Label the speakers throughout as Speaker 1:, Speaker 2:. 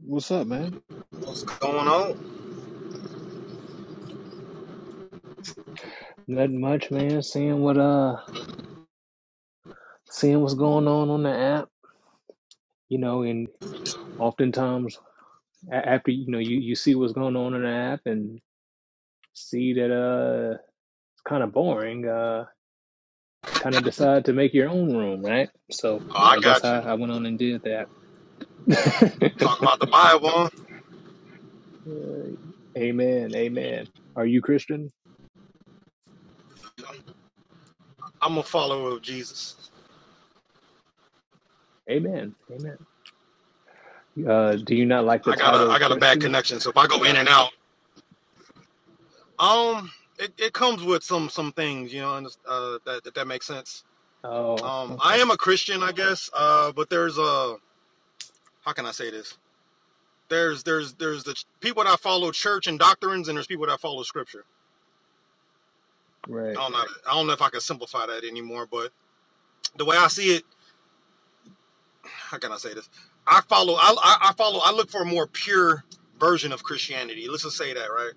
Speaker 1: What's up, man?
Speaker 2: going on.
Speaker 1: Nothing much, man. Seeing what uh, seeing what's going on on the app, you know, and oftentimes a- after you know you you see what's going on in the app and see that uh, it's kind of boring. Uh, kind of decide to make your own room, right? So
Speaker 2: Oh, I
Speaker 1: I guess
Speaker 2: got
Speaker 1: I
Speaker 2: you.
Speaker 1: I went on and did that.
Speaker 2: Talking about the Bible.
Speaker 1: Amen. Amen. Are you Christian?
Speaker 2: I'm a follower of Jesus.
Speaker 1: Amen. Amen. Uh, do you not like the
Speaker 2: I got a
Speaker 1: title
Speaker 2: I got a bad
Speaker 1: Christian?
Speaker 2: connection, so if I go in and out, um, it, it comes with some some things, you know, and, uh, that, that that makes sense.
Speaker 1: Oh,
Speaker 2: Um, I
Speaker 1: okay.
Speaker 2: am a Christian, I guess, uh, but there's a how can I say this? There's there's there's the ch- people that follow church and doctrines, and there's people that follow scripture. I
Speaker 1: Right.
Speaker 2: don't know. I don't know if I can simplify that anymore, but the way I see it. how can I say this? I follow. I, I, I follow. I look for a more pure version of Christianity. Let's just say that, right?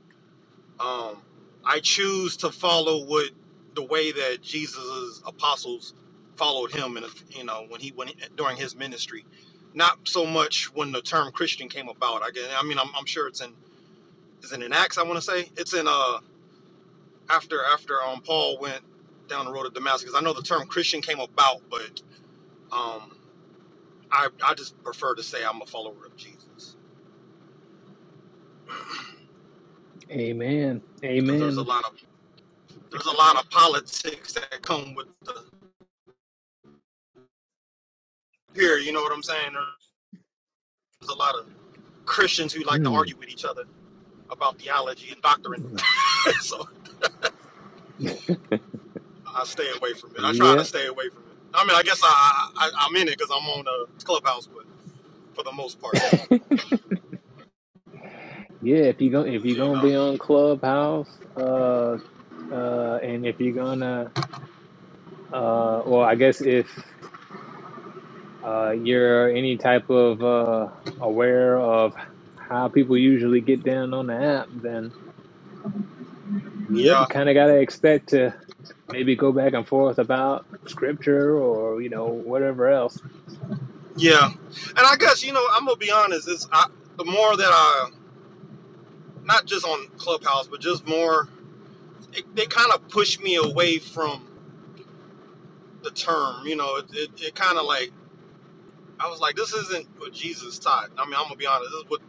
Speaker 2: Um, I choose to follow what the way that Jesus' apostles followed him, and you know, when he when he- during his ministry, not so much when the term Christian came about. I guess, I mean, I'm, I'm sure it's in is it in Acts. I want to say it's in uh after after um Paul went down the road to Damascus. I know the term Christian came about, but um, I I just prefer to say I'm a follower of Jesus.
Speaker 1: Amen.
Speaker 2: because there's a
Speaker 1: Amen.
Speaker 2: lot of there's a lot of politics that come with the here. You know what I'm saying? There's a lot of Christians who like to
Speaker 1: Hmm.
Speaker 2: argue with each other about theology and doctrine. so I stay away from it. I try to
Speaker 1: Yeah,
Speaker 2: stay away from it. I mean, I guess I, I I'm in it because I'm on a clubhouse, but for the most part,
Speaker 1: yeah. If you go, if you're
Speaker 2: you
Speaker 1: gonna
Speaker 2: know,
Speaker 1: be on Clubhouse, uh, uh, and if you're gonna, uh, well, I guess if uh you're any type of uh aware of how people usually get down on the app, then yeah, you
Speaker 2: yeah,
Speaker 1: kind of gotta expect to maybe go back and forth about scripture or you know whatever else.
Speaker 2: yeah. And I guess you know I'm gonna be honest. Is I the more that I not just on clubhouse, but just more, it, they kind of push me away from the term. You know, it, it, it kind of like I was like, this isn't what Jesus taught. I mean, I'm gonna be honest. This is what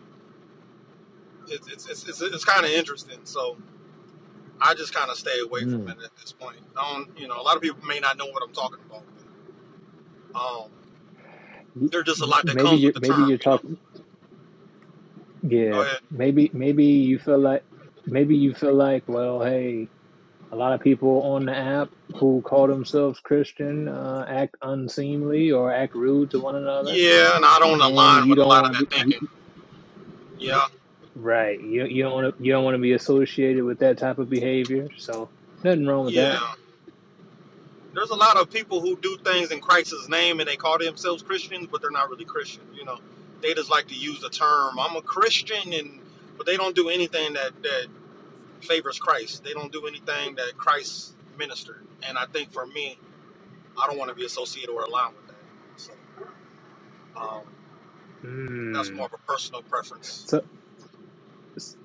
Speaker 2: it's it's it's, it's, it's kind of interesting. So I just kind of stay away from
Speaker 1: Mm.
Speaker 2: it at this point. I don't, you know, a lot of people may not know what I'm talking about. Um,
Speaker 1: Y-
Speaker 2: there's just a
Speaker 1: m-
Speaker 2: lot that
Speaker 1: Maybe
Speaker 2: comes with
Speaker 1: you're
Speaker 2: the term,
Speaker 1: maybe you're
Speaker 2: you know.
Speaker 1: talking.
Speaker 2: Go
Speaker 1: Yeah,
Speaker 2: ahead.
Speaker 1: maybe maybe you feel like maybe you feel like well, hey. A lot of people on the app who call themselves Christian uh, act unseemly or act rude to one another,
Speaker 2: Yeah, and I don't
Speaker 1: and
Speaker 2: align
Speaker 1: you
Speaker 2: with a
Speaker 1: don't
Speaker 2: lot of
Speaker 1: want to be
Speaker 2: that
Speaker 1: you,
Speaker 2: thinking. Yeah,
Speaker 1: right. You you don't want to you don't want to be associated with that type of behavior. So nothing wrong with
Speaker 2: yeah.
Speaker 1: that.
Speaker 2: There's a lot of people who do things in Christ's name and they call themselves Christians, but they're not really Christian. You know, they just like to use the term "I'm a Christian," and but they don't do anything that that favors Christ. They don't do anything that Christ ministered. And I think for me, I don't want to be associated or aligned with that. So um, that's more
Speaker 1: Mm.
Speaker 2: of a personal preference.
Speaker 1: So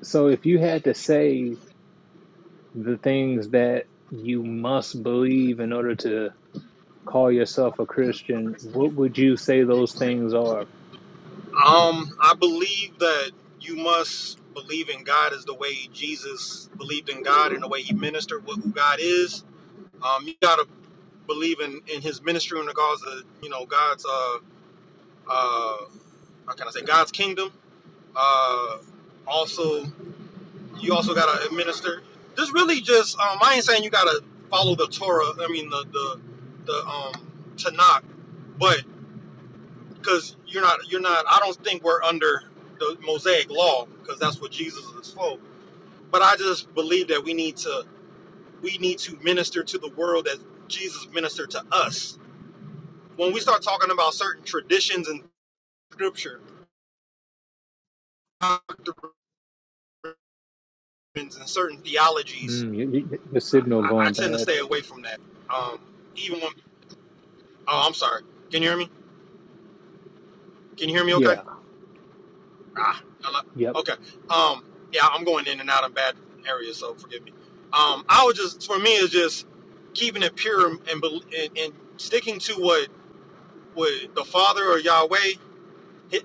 Speaker 1: so if you had to say the things that you must believe in order to call yourself a Christian, what would you say those things are?
Speaker 2: Um, I believe that you must believe in God as the way Jesus believed in God and the way he ministered, what, who God is. Um, you got to believe in, in his ministry in regards to, you know, God's, uh, uh, how can I say, God's kingdom. Uh, also. You also gotta administer. This really just um, I ain't saying you gotta follow the Torah. I mean the the the um Tanakh, but because you're not you're not. I don't think we're under the Mosaic law because that's what Jesus is for. But I just believe that we need to we need to minister to the world as Jesus ministered to us. When we start talking about certain traditions and scripture, doctrines, and certain theologies,
Speaker 1: Mm, your, your signal
Speaker 2: I, I
Speaker 1: going
Speaker 2: tend to
Speaker 1: bad.
Speaker 2: stay away from that. Um, even when Oh, I'm sorry. Can you hear me? Can you hear me okay?
Speaker 1: Yeah.
Speaker 2: Ah, hello.
Speaker 1: Yep.
Speaker 2: Okay. Um, yeah, I'm going in and out of bad areas, so forgive me. Um, I was just, for me, it's just keeping it pure and, bel- and, and sticking to what, what the Father or Yahweh, hi-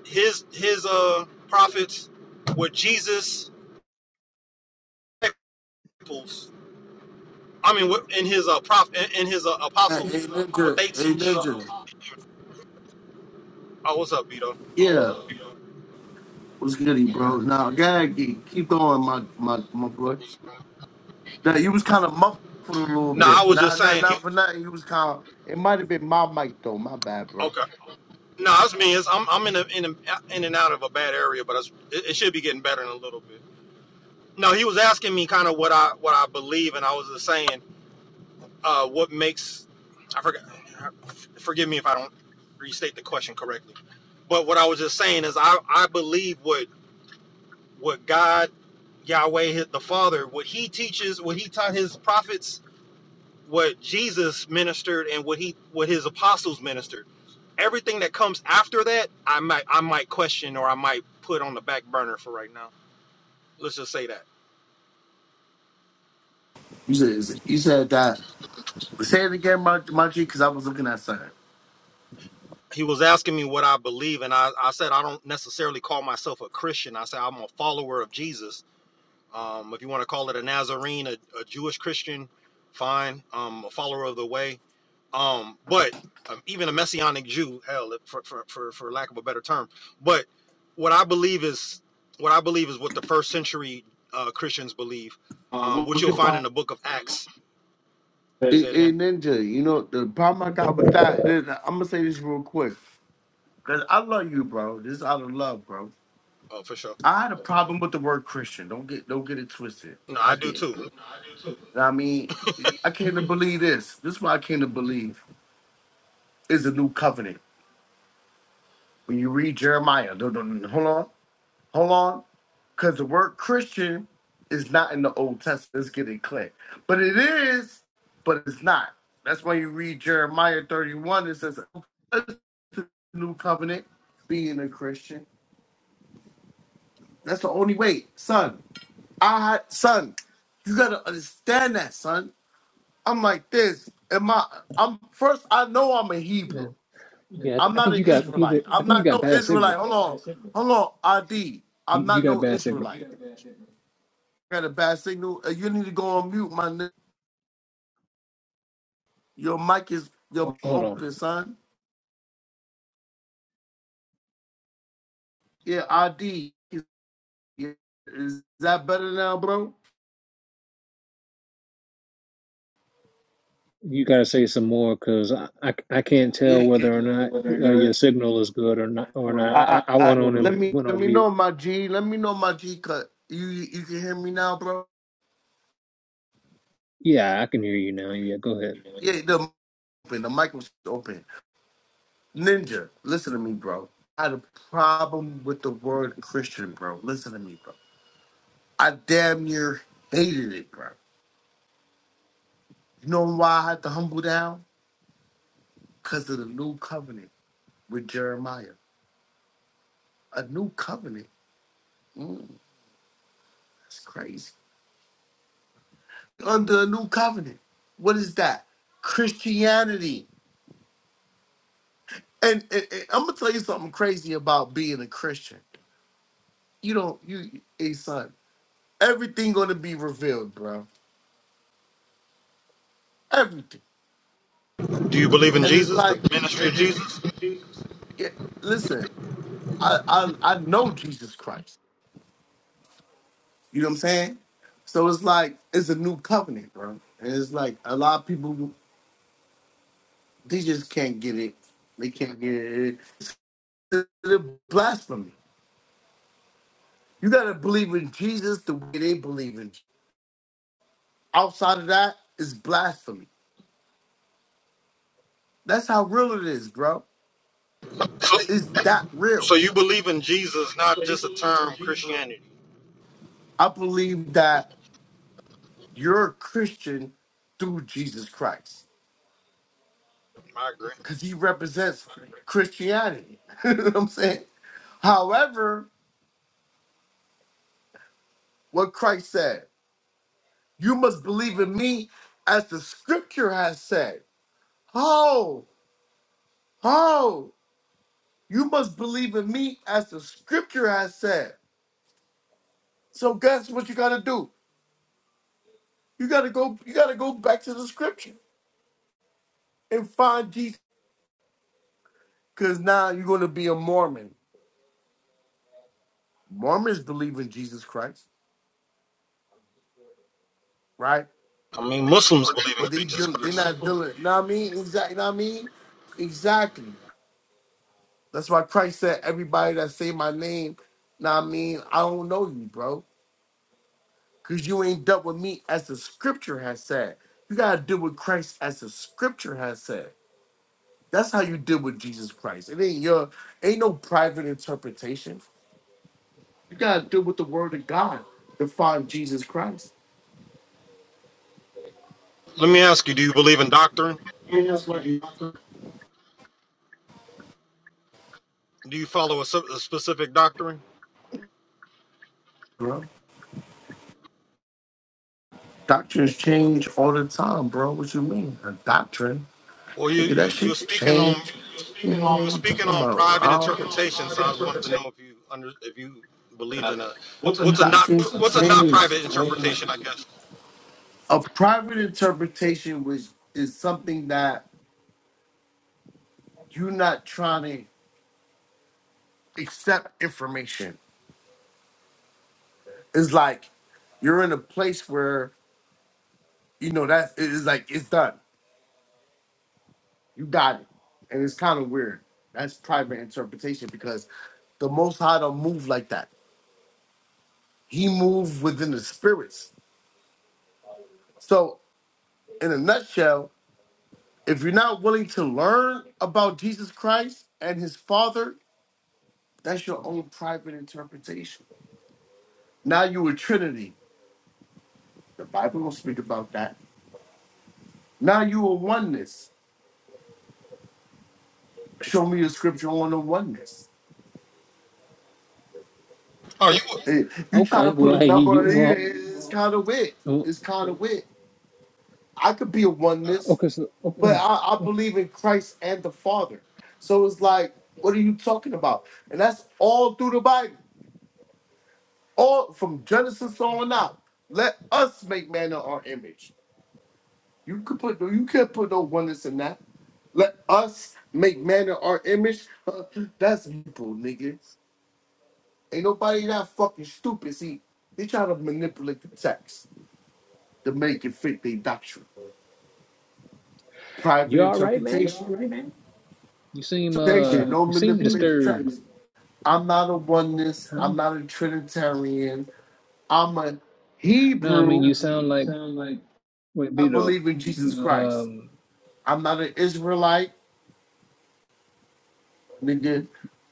Speaker 2: his, his, uh, prophets, what Jesus, disciples, I mean, what, in his, uh, prof, in, in his, uh,
Speaker 3: Hey,
Speaker 2: apostles, what
Speaker 3: Ninja.
Speaker 2: they
Speaker 3: Hey,
Speaker 2: teach.
Speaker 3: Ninja.
Speaker 2: Oh, what's up, Vito?
Speaker 3: Yeah. What's goody, bro? Now, Gaggy, keep going, my my my boy. Now, you was kind of muffled a little
Speaker 2: No,
Speaker 3: bit.
Speaker 2: I was
Speaker 3: Nah,
Speaker 2: just
Speaker 3: nah,
Speaker 2: saying, he,
Speaker 3: not for nothing. You was kind of. It might have been my mic though. My bad, bro.
Speaker 2: okay. No, that's me. It's, I'm I'm in a, in a, in and out of a bad area, but it's, it, it should be getting better in a little bit. No, he was asking me kind of what I what I believe, and I was just saying uh, what makes I forgot. Forgive me if I don't restate the question correctly, but what I was just saying is I I believe what what God Yahweh his- the Father what He teaches what He taught His prophets what Jesus ministered and what he what his apostles ministered. Everything that comes after that, I might I might question or I might put on the back burner for right now. Let's just say that.
Speaker 3: You said is it- you said that. Say it again, my my G, because I was looking at something.
Speaker 2: He was asking me what I believe, and I, I said I don't necessarily call myself a Christian. I said I'm a follower of Jesus. Um, if you want to call it a Nazarene, a, a Jewish Christian, fine. Um, a follower of the way. Um, but um, even a messianic Jew, hell, for, for, for, for lack of a better term. But what I believe is what I believe is what the first century uh, Christians believe,
Speaker 3: Uh,
Speaker 2: um,
Speaker 3: what-
Speaker 2: which
Speaker 3: what's
Speaker 2: you'll
Speaker 3: your
Speaker 2: find in
Speaker 3: final?
Speaker 2: the book of Acts.
Speaker 3: Hey,
Speaker 2: Say it
Speaker 3: hey,
Speaker 2: again.
Speaker 3: Ninja. You know the problem I got with that. I'm gonna say this real quick. Cause I love you, bro. This is out of love, bro.
Speaker 2: Oh, for sure.
Speaker 3: I had a problem with the word Christian. Don't get don't get it twisted.
Speaker 2: No,
Speaker 3: I
Speaker 2: I do
Speaker 3: did.
Speaker 2: too.
Speaker 3: I mean, I came to believe this. This is what I came to believe is the new covenant. When you read Jeremiah, no, no, no, hold on, hold on, because the word Christian is not in the Old Testament. Let's get it clear. But it is, but it's not. That's why you read Jeremiah 31. It says, new covenant, being a Christian. That's the only way, son. I son, you gotta understand that, son. I'm like this. Am I? I'm first. I know I'm a Hebrew.
Speaker 1: Yeah, I,
Speaker 3: I'm
Speaker 1: th- I
Speaker 3: not
Speaker 1: think
Speaker 3: an
Speaker 1: you got you.
Speaker 3: Israelite.
Speaker 1: Got, I
Speaker 3: I'm
Speaker 1: think you
Speaker 3: not
Speaker 1: got
Speaker 3: no
Speaker 1: bad
Speaker 3: Israelite.
Speaker 1: signal.
Speaker 3: Hold on, hold on, ID. I'm
Speaker 1: You, you
Speaker 3: not
Speaker 1: got
Speaker 3: no
Speaker 1: bad signal.
Speaker 3: Israelite. I got a bad signal. Uh, You need to go on mute, my nigga. Your mic is your
Speaker 1: Hold on.
Speaker 3: open, son. Yeah, ID. Is is that better now, bro?
Speaker 1: You gotta say some more because I, I I can't tell
Speaker 3: Yeah,
Speaker 1: whether or not uh,
Speaker 3: yeah.
Speaker 1: your signal is good or not or
Speaker 3: Or
Speaker 1: not.
Speaker 3: not.
Speaker 1: I
Speaker 3: I,
Speaker 1: I I
Speaker 3: I,
Speaker 1: went on and
Speaker 3: let me
Speaker 1: went
Speaker 3: let
Speaker 1: on
Speaker 3: me
Speaker 1: mute.
Speaker 3: know my G. Let me know my G. Cut. You you can hear me now, bro.
Speaker 1: Yeah, I can hear you now. Yeah, go ahead.
Speaker 3: Yeah, the mic open. The mic was open. Ninja, listen to me, bro. I had a problem with the word Christian, bro. Listen to me, bro. I damn near hated it, bro. You know why I had to humble down? Because of the new covenant with Jeremiah. A new covenant. Mm, that's crazy. Under a new covenant. What is that? Christianity. And, and, and I'm gonna tell you something crazy about being a Christian. You don't you a son. Everything gonna be revealed, bro. Everything.
Speaker 2: Do you believe in
Speaker 3: And it's
Speaker 2: Jesus, the
Speaker 3: like, it,
Speaker 2: ministry of
Speaker 3: it,
Speaker 2: Jesus?
Speaker 3: it- listen, I, I I know Jesus Christ. You know what I'm saying? So it's like it's a new covenant, bro. And it's like a lot of people they just can't get it. They can't get it. It's a blasphemy. You gotta believe in Jesus the way they believe in. Outside of that, it's blasphemy. That's how real it is, bro.
Speaker 2: So,
Speaker 3: It's that real.
Speaker 2: so you believe in Jesus, not
Speaker 3: So you
Speaker 2: just a
Speaker 3: believe in
Speaker 2: term
Speaker 3: Jesus?
Speaker 2: Christianity.
Speaker 3: I believe that you're a Christian through Jesus Christ
Speaker 2: I agree.
Speaker 3: because he represents Christianity. you know what I'm saying? However, what Christ said, you must believe in me as the scripture has said. Ho, ho, you must believe in me as the scripture has said. So guess what you gotta do? You gotta go, you gotta go back to the scripture. and find Jesus. Because now you're going to be a Mormon. Mormons believe in Jesus Christ, right?
Speaker 2: I mean, Muslims believe in
Speaker 3: But they
Speaker 2: Jesus
Speaker 3: do, they're
Speaker 2: Christ.
Speaker 3: not doing it. Know what I mean? Exactly. Know what I mean? Exactly. That's why Christ said, everybody that say my name, know what I mean? I don't know you, bro. Because you ain't dealt with me as the scripture has said. You got to deal with Christ as the scripture has said. That's how you deal with Jesus Christ. It ain't your, ain't no private interpretation. You got to deal with the word of God to find Jesus Christ.
Speaker 2: Let me ask you: Do you believe in doctrine?
Speaker 3: Bro,
Speaker 2: Do you follow a, s- a specific doctrine?
Speaker 3: doctrines change all the time, bro. What you mean? A doctrine?
Speaker 2: Well, you,
Speaker 3: Look at
Speaker 2: you
Speaker 3: that shit
Speaker 2: you're speaking on.
Speaker 3: change. You know what
Speaker 2: You were
Speaker 3: I'm talking
Speaker 2: speaking on
Speaker 3: about?
Speaker 2: private
Speaker 3: I don't-
Speaker 2: interpretation, so I was wanted
Speaker 3: Doctrines
Speaker 2: to know if you under if you believed in a what's a not pr- what's a not
Speaker 3: change,
Speaker 2: private
Speaker 3: bro.
Speaker 2: interpretation, I guess.
Speaker 3: A private interpretation was is something that you're not trying to accept information. It's like you're in a place where you know that it is like it's done. You got it. And it's kind of weird. That's private interpretation because the Most High don't move like that. He moves within the spirits. So, in a nutshell, if you're not willing to learn about Jesus Christ and his Father, that's your own private interpretation. Now you a Trinity. The Bible don't speak about that. Now you a oneness. Show me a scripture on a oneness.
Speaker 2: Oh, you Uh,
Speaker 3: Eh, You try to
Speaker 1: Okay.
Speaker 3: put
Speaker 1: Well,
Speaker 3: a
Speaker 1: hey, you
Speaker 3: number,
Speaker 1: you, you all
Speaker 3: eh, it's kind of weird.
Speaker 1: oh,
Speaker 3: It's kind of weird. I could be a oneness,
Speaker 1: okay? So
Speaker 3: but
Speaker 1: uh,
Speaker 3: I, I believe in Christ and the Father. So it's like, what are you talking about? And that's all through the Bible, all from Genesis on out. Let us make man in our image. You could put no, you can't put no oneness in that. Let us make man in our image. that's people, nigga. Ain't nobody that fucking stupid. See, they try to manipulate the text to make it fit their doctrine. Private
Speaker 1: you all right, man?
Speaker 3: interpretation.
Speaker 1: You seem uh
Speaker 3: Taking no
Speaker 1: you seem
Speaker 3: manipulation.
Speaker 1: disturbed,
Speaker 3: I'm not a oneness.
Speaker 1: huh?
Speaker 3: I'm not a Trinitarian. I'm a
Speaker 1: No, I mean
Speaker 3: Hebrew.
Speaker 1: you sound
Speaker 3: You
Speaker 1: like
Speaker 3: sound like
Speaker 1: wait,
Speaker 3: I
Speaker 1: Beto.
Speaker 3: believe in Jesus
Speaker 1: You
Speaker 3: Christ.
Speaker 1: um
Speaker 3: I'm not an Israelite, nigga.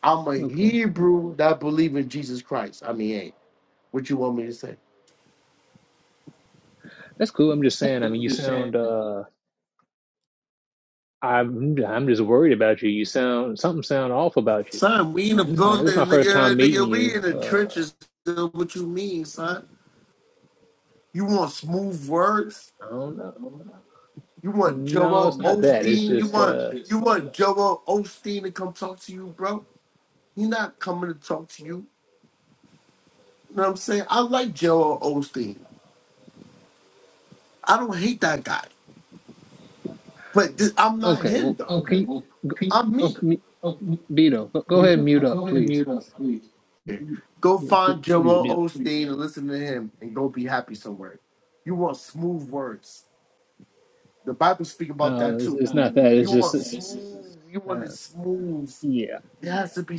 Speaker 3: I'm a
Speaker 1: okay.
Speaker 3: Hebrew that believe in Jesus Christ. I mean, hey, what you want me to say?
Speaker 1: That's cool. I'm just
Speaker 3: That's
Speaker 1: saying. I mean,
Speaker 3: cool.
Speaker 1: you
Speaker 3: You're saying,
Speaker 1: sound uh. I'm I'm just worried about you. You sound something sound off about you,
Speaker 3: Son, we in the
Speaker 1: man. This is
Speaker 3: building,
Speaker 1: my first
Speaker 3: nigga.
Speaker 1: time meeting
Speaker 3: Nigga, we
Speaker 1: you.
Speaker 3: in the
Speaker 1: Uh,
Speaker 3: trenches. nigga. What you mean, son? You want smooth words?
Speaker 1: I don't know.
Speaker 3: You want
Speaker 1: No,
Speaker 3: Joel
Speaker 1: it's not that. It's
Speaker 3: Osteen? You
Speaker 1: just
Speaker 3: want
Speaker 1: uh,
Speaker 3: you want Joel Osteen to come talk to you, bro? He not coming to talk to you. You know what I'm saying? I like Joel Osteen. I don't hate that guy, but this, I'm not
Speaker 1: okay.
Speaker 3: him
Speaker 1: Well,
Speaker 3: though. Okay,
Speaker 1: can you
Speaker 3: well,
Speaker 1: go,
Speaker 3: can- you- I'm
Speaker 1: oh,
Speaker 3: me.
Speaker 1: mu-
Speaker 3: Oh,
Speaker 1: Beto, go, go
Speaker 3: you
Speaker 1: ahead and
Speaker 3: don't- oh,
Speaker 1: mute up,
Speaker 3: go ahead and
Speaker 1: please.
Speaker 3: mute up, please. Go
Speaker 1: Yeah, please,
Speaker 3: find
Speaker 1: please
Speaker 3: Joel
Speaker 1: mute.
Speaker 3: Osteen and listen to him, and go be happy somewhere. You want smooth words. The Bible speak about that
Speaker 1: No, it's,
Speaker 3: too.
Speaker 1: it's
Speaker 3: Uh,
Speaker 1: not that.
Speaker 3: You
Speaker 1: It's just
Speaker 3: want
Speaker 1: it's, it's,
Speaker 3: smooth. You want it
Speaker 1: uh,
Speaker 3: smooth.
Speaker 1: yeah.
Speaker 3: It has to be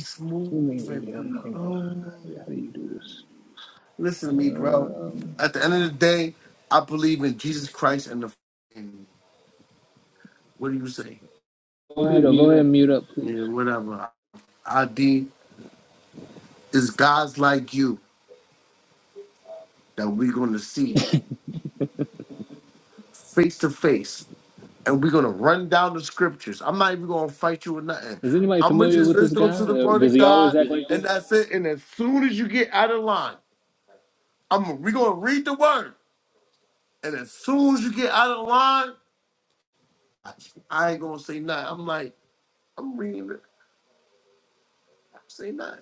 Speaker 1: Let me
Speaker 3: smooth
Speaker 1: mute him.
Speaker 3: and
Speaker 1: Hold on.
Speaker 3: oh.
Speaker 1: How do you do this?
Speaker 3: Listen to me, bro.
Speaker 1: Um,
Speaker 3: At the end of the day, I believe in Jesus Christ and the. And what do you say? Go ahead,
Speaker 1: Beto, go
Speaker 3: mute
Speaker 1: ahead
Speaker 3: up.
Speaker 1: and mute up, please.
Speaker 3: Yeah, whatever. ID is guys like you that we're gonna see face to face, and we're gonna run down the scriptures. I'm not even gonna fight you or nothing.
Speaker 1: Is anybody
Speaker 3: I'm gonna
Speaker 1: familiar
Speaker 3: just
Speaker 1: with this
Speaker 3: listen
Speaker 1: guy?
Speaker 3: to the
Speaker 1: Uh,
Speaker 3: word
Speaker 1: does
Speaker 3: of
Speaker 1: he always
Speaker 3: God,
Speaker 1: act like
Speaker 3: and
Speaker 1: this?
Speaker 3: that's it. And as soon as you get out of line, I'm we're gonna read the word. And as soon as you get out of line, I, I ain't gonna say nothing. I'm like, I'm reading it. I say nothing.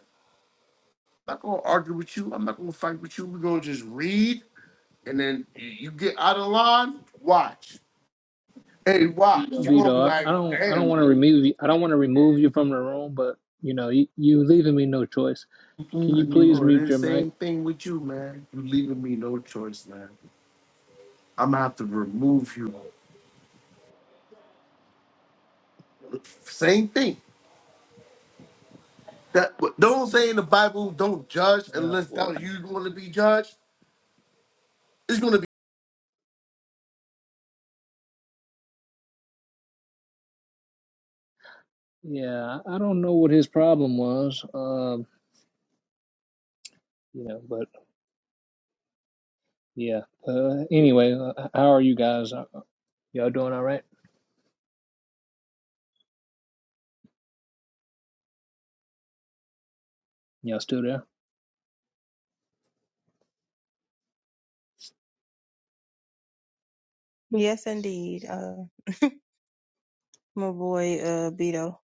Speaker 3: I'm not gonna argue with you. I'm not gonna fight with you. We're gonna just read, and then you you get out of line. Watch. Hey, watch. You're gonna
Speaker 1: Vito,
Speaker 3: be
Speaker 1: I, I
Speaker 3: like,
Speaker 1: don't I don't want to
Speaker 3: damn.
Speaker 1: remove you. I don't want to remove you from the room, but you know you you leaving me no choice. Can you please
Speaker 3: Or
Speaker 1: mute
Speaker 3: the
Speaker 1: your mic?
Speaker 3: same thing with you, man. You leaving me no choice, man. I'm gonna have to remove you. Same thing. That don't say in the Bible, don't judge
Speaker 1: Oh
Speaker 3: unless
Speaker 1: boy,
Speaker 3: that you want to be judged. It's gonna
Speaker 1: yeah, I I don't know what his problem was. Um, you know, but yeah. Uh, anyway, uh, how are you guys? Uh, Y'all doing all right? Y'all still there?
Speaker 4: Yes, indeed. Uh, my boy, uh, Beto.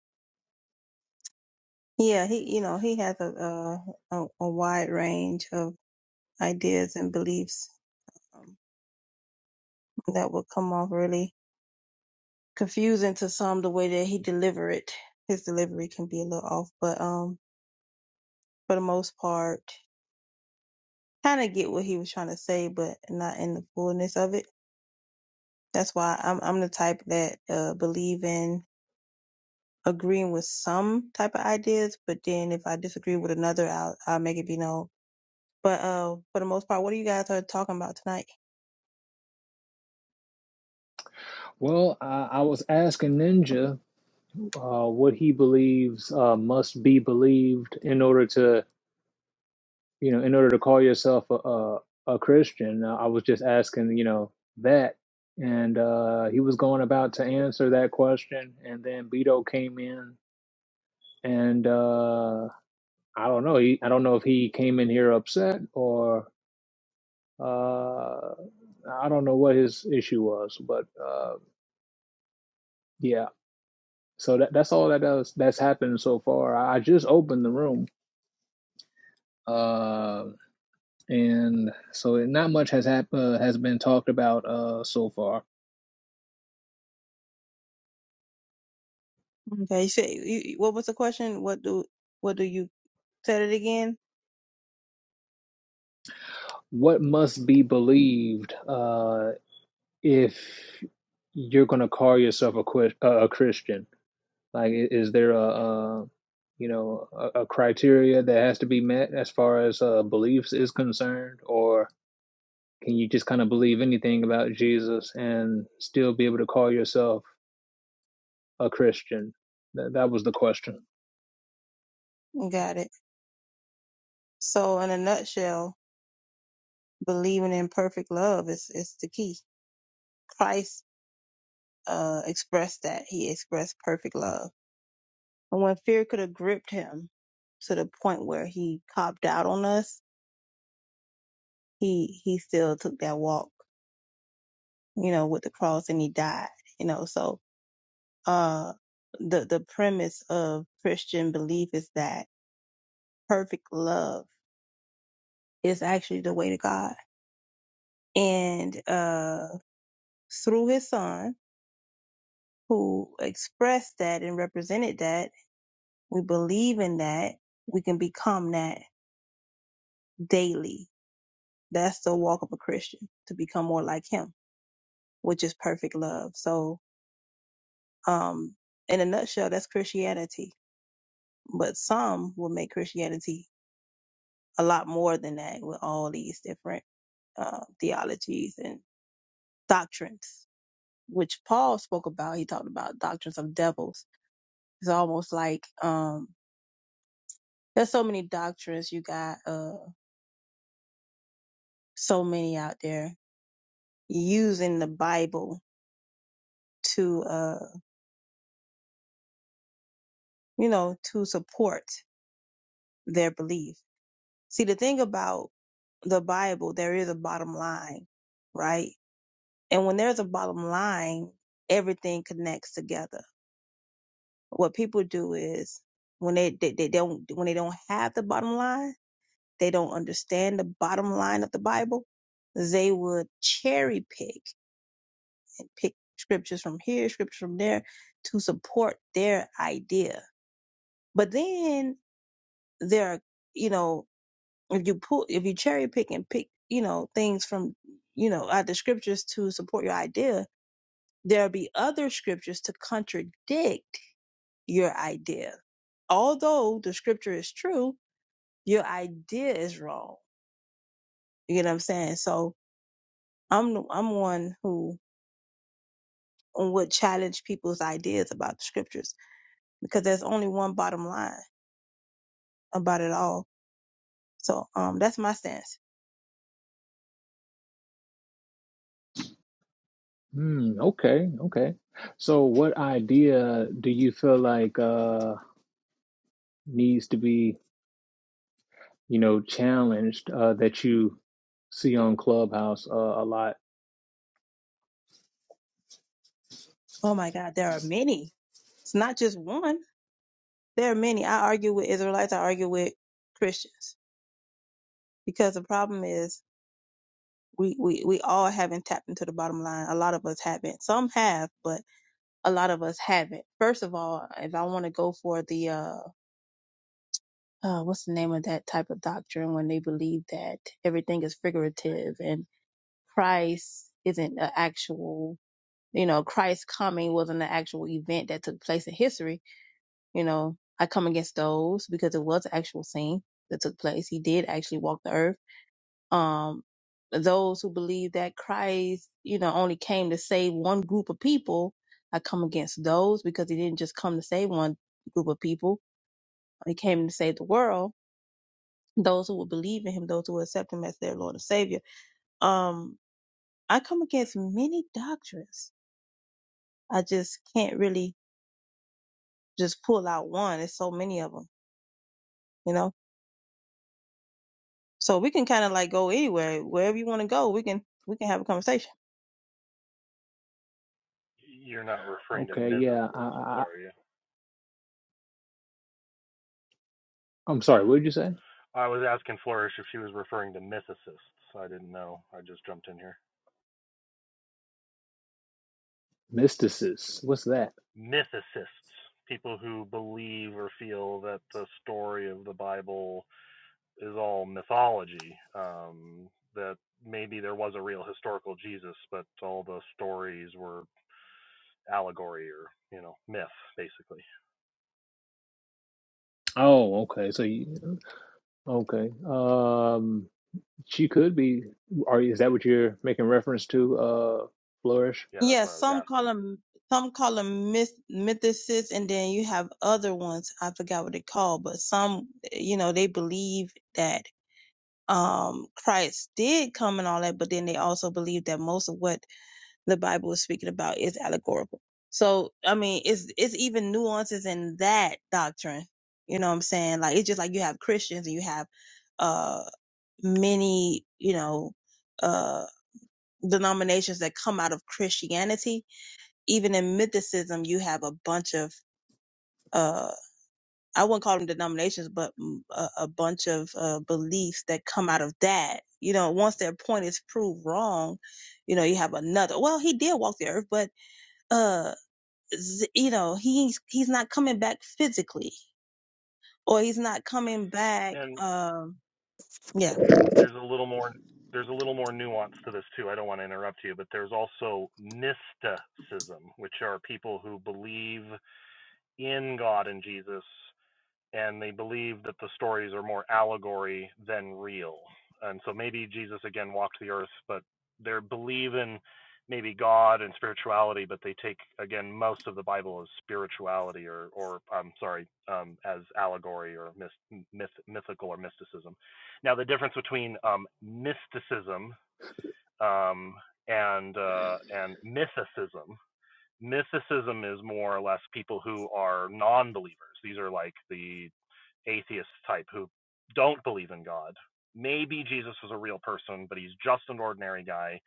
Speaker 4: Yeah, he, you know, he has a, a, a a wide range of ideas and beliefs um, that will come off really confusing to some the way that he deliver it. His delivery can be a little off, but, um, for the most part, kind of get what he was trying to say, but not in the fullness of it. That's why I'm, I'm the type that, uh, believe in agreeing with some type of ideas, but then if I disagree with another, I'll, I'll make it be known But uh, for the most part, what do you guys are talking about tonight?
Speaker 1: Well, I, I was asking Ninja uh, what he believes uh, must be believed in order to you know, in order to call yourself a a, a Christian, uh, I was just asking, you know, that, and uh, he was going about to answer that question, and then Beto came in, and uh, I don't know, he, I don't know if he came in here upset or uh, I don't know what his issue was, but uh, yeah, so that that's all that does that's happened so far. I just opened the room. Uh, and so not much has hap- uh, has been talked about uh, so far.
Speaker 4: Okay, you said you, you- what was the question? What do what do you said it again?
Speaker 1: what must be believed uh, if you're going to call yourself a, Chris- a Christian? Like, is there a, a you know a, a criteria that has to be met as far as uh, beliefs is concerned, or can you just kind of believe anything about Jesus and still be able to call yourself a Christian? That, that was the question.
Speaker 4: Got it. So in a nutshell, believing in perfect love is is the key. Christ uh expressed that he expressed perfect love, and when fear could have gripped him to the point where he copped out on us, he he still took that walk, you know, with the cross, and he died. You know, so uh, the the premise of Christian belief is that perfect love is actually the way to God. And uh, through his son, who expressed that and represented that, we believe in that, we can become that daily. That's the walk of a Christian to become more like him, which is perfect love. So, um, in a nutshell, that's Christianity. But some will make Christianity a lot more than that with all these different uh, theologies and doctrines. which Paul spoke about. He talked about doctrines of devils. It's almost like um there's so many doctrines you got uh so many out there using the Bible to uh you know to support their belief. See the thing about the Bible, there is a bottom line, right? And when there's a bottom line, everything connects together. What people do is when they, they, they don't when they don't have the bottom line they don't understand the bottom line of the Bible, they would cherry pick and pick scriptures from here, scriptures from there to support their idea. But then there are, you know, if you pull, if you cherry pick and pick, you know, things from, you know, out the scriptures to support your idea, there'll be other scriptures to contradict your idea. Although the scripture is true, your idea is wrong. You know what I'm saying? So, I'm the- I'm one who and would challenge people's ideas about the scriptures because there's only one bottom line about it all. So um that's my stance.
Speaker 1: Hmm, okay, okay. So, what idea do you feel like uh, needs to be? you know, challenged uh, that you see on Clubhouse uh, a lot.
Speaker 4: Oh my God, there are many. It's not just one. There are many. I argue with Israelites. I argue with Christians because the problem is we we we all haven't tapped into the bottom line. A lot of us haven't. Some have, but a lot of us haven't. First of all, if I want to go for the uh uh, what's the name of that type of doctrine when they believe that everything is figurative and Christ isn't an actual, you know, Christ's coming wasn't an actual event that took place in history. You know, I come against those because it was an actual scene that took place. He did actually walk the earth. Um, those who believe that Christ, you know, only came to save one group of people, I come against those because he didn't just come to save one group of people. He came to save the world those who will believe in him, those who will accept him as their Lord and Savior. Um, I come against many doctrines. I just can't really just pull out one. There's so many of them, you know. So we can kind of like go anywhere, wherever you want to go. We can we can have a conversation.
Speaker 5: You're not referring to
Speaker 1: Okay, yeah, I,
Speaker 5: mythicists,
Speaker 1: I,
Speaker 5: are you?
Speaker 1: I'm sorry. What did you say?
Speaker 5: I was asking Flourish if she was referring to mythicists. I didn't know. I just jumped in here.
Speaker 1: Mysticis. What's that?
Speaker 5: Mythicists, people who believe or feel that the story of the Bible is all mythology, um, that maybe there was a real historical Jesus, but all the stories were allegory or, you know, myth, basically.
Speaker 1: Oh, okay. So, you, okay. Um, she could be. Are is that what you're making reference to? Uh, flourish.
Speaker 5: Yeah, that's
Speaker 4: Yeah,
Speaker 5: what I was
Speaker 4: some call
Speaker 5: asking.
Speaker 4: them some call them myth, mythicists, and then you have other ones. I forgot what they call, but some you know they believe that um Christ did come and all that, but then they also believe that most of what the Bible is speaking about is allegorical. So, I mean, it's, it's even nuances in that doctrine. You know what I'm saying? Like, it's just like you have Christians and you have, uh, many, you know, uh, denominations that come out of Christianity. Even in mythicism, you have a bunch of, uh, I wouldn't call them denominations, but mm, a, a bunch of, uh, beliefs that come out of that. You know, once their point is proved wrong, you know, you have another, well, he did walk the earth, but uh you know he's he's not coming back physically or he's not coming back
Speaker 5: And
Speaker 4: um yeah
Speaker 5: there's a little more there's a little more nuance to this too. I don't want to interrupt you, but there's also mysticism, which are people who believe in God and Jesus and they believe that the stories are more allegory than real. And so maybe Jesus again walked the earth, but they believe in maybe God and spirituality, but they take again most of the Bible as spirituality or or I'm sorry, um, as allegory or myth, myth, mythical or mysticism. Now the difference between um, mysticism um, and uh, and mythicism mythicism is more or less people who are non-believers. These are like the atheist type who don't believe in God. Maybe Jesus was a real person, but he's just an ordinary guy,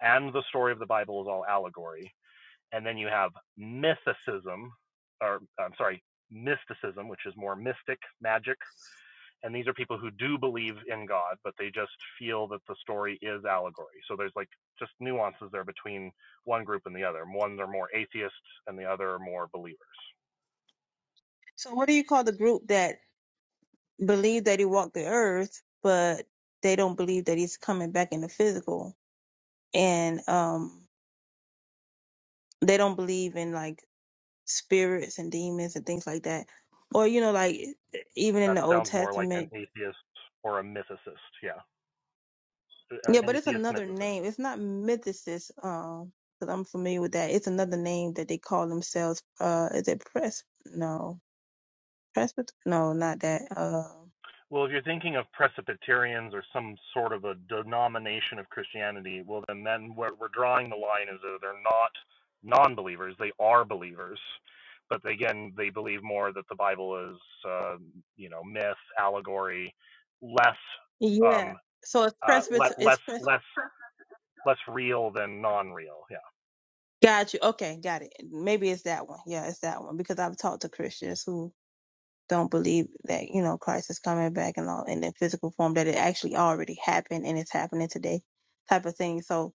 Speaker 5: and the story of the Bible is all allegory. And then you have mythicism, or I'm sorry, mysticism, which is more mystic magic. And these are people who do believe in God, but they just feel that the story is allegory. So there's like just nuances there between one group and the other. Ones are more atheists, and the other are more believers.
Speaker 4: so what do you call the group that believe that he walked the earth but they don't believe that he's coming back in the physical and um they don't believe in like spirits and demons and things like that or you know like e, e, even in
Speaker 5: That
Speaker 4: the old
Speaker 5: sounds more like an
Speaker 4: testament
Speaker 5: atheist or a mythicist. Yeah. uh,
Speaker 4: yeah but it's
Speaker 5: atheist
Speaker 4: another
Speaker 5: mythicists.
Speaker 4: name it's not Mythicists, um because i'm familiar with that it's another name that they call themselves uh is it press no Presbyter? No, not that. Um,
Speaker 5: Well, if you're thinking of Presbyterians or some sort of a denomination of Christianity, well, then then where we're drawing the line is that they're not non-believers; they are believers, but again, they believe more that the Bible is, uh, you know, myth, allegory, less,
Speaker 4: yeah.
Speaker 5: um,
Speaker 4: So it's
Speaker 5: uh, le-
Speaker 4: Presbyter. It's
Speaker 5: less,
Speaker 4: Pres.
Speaker 5: less, less real than non-real. Yeah.
Speaker 4: Got you. Okay, got it. Maybe it's that one. Yeah, it's that one because I've talked to Christians who don't believe that you know Christ is coming back and all in the physical form that it actually already happened and it's happening today, type of thing. So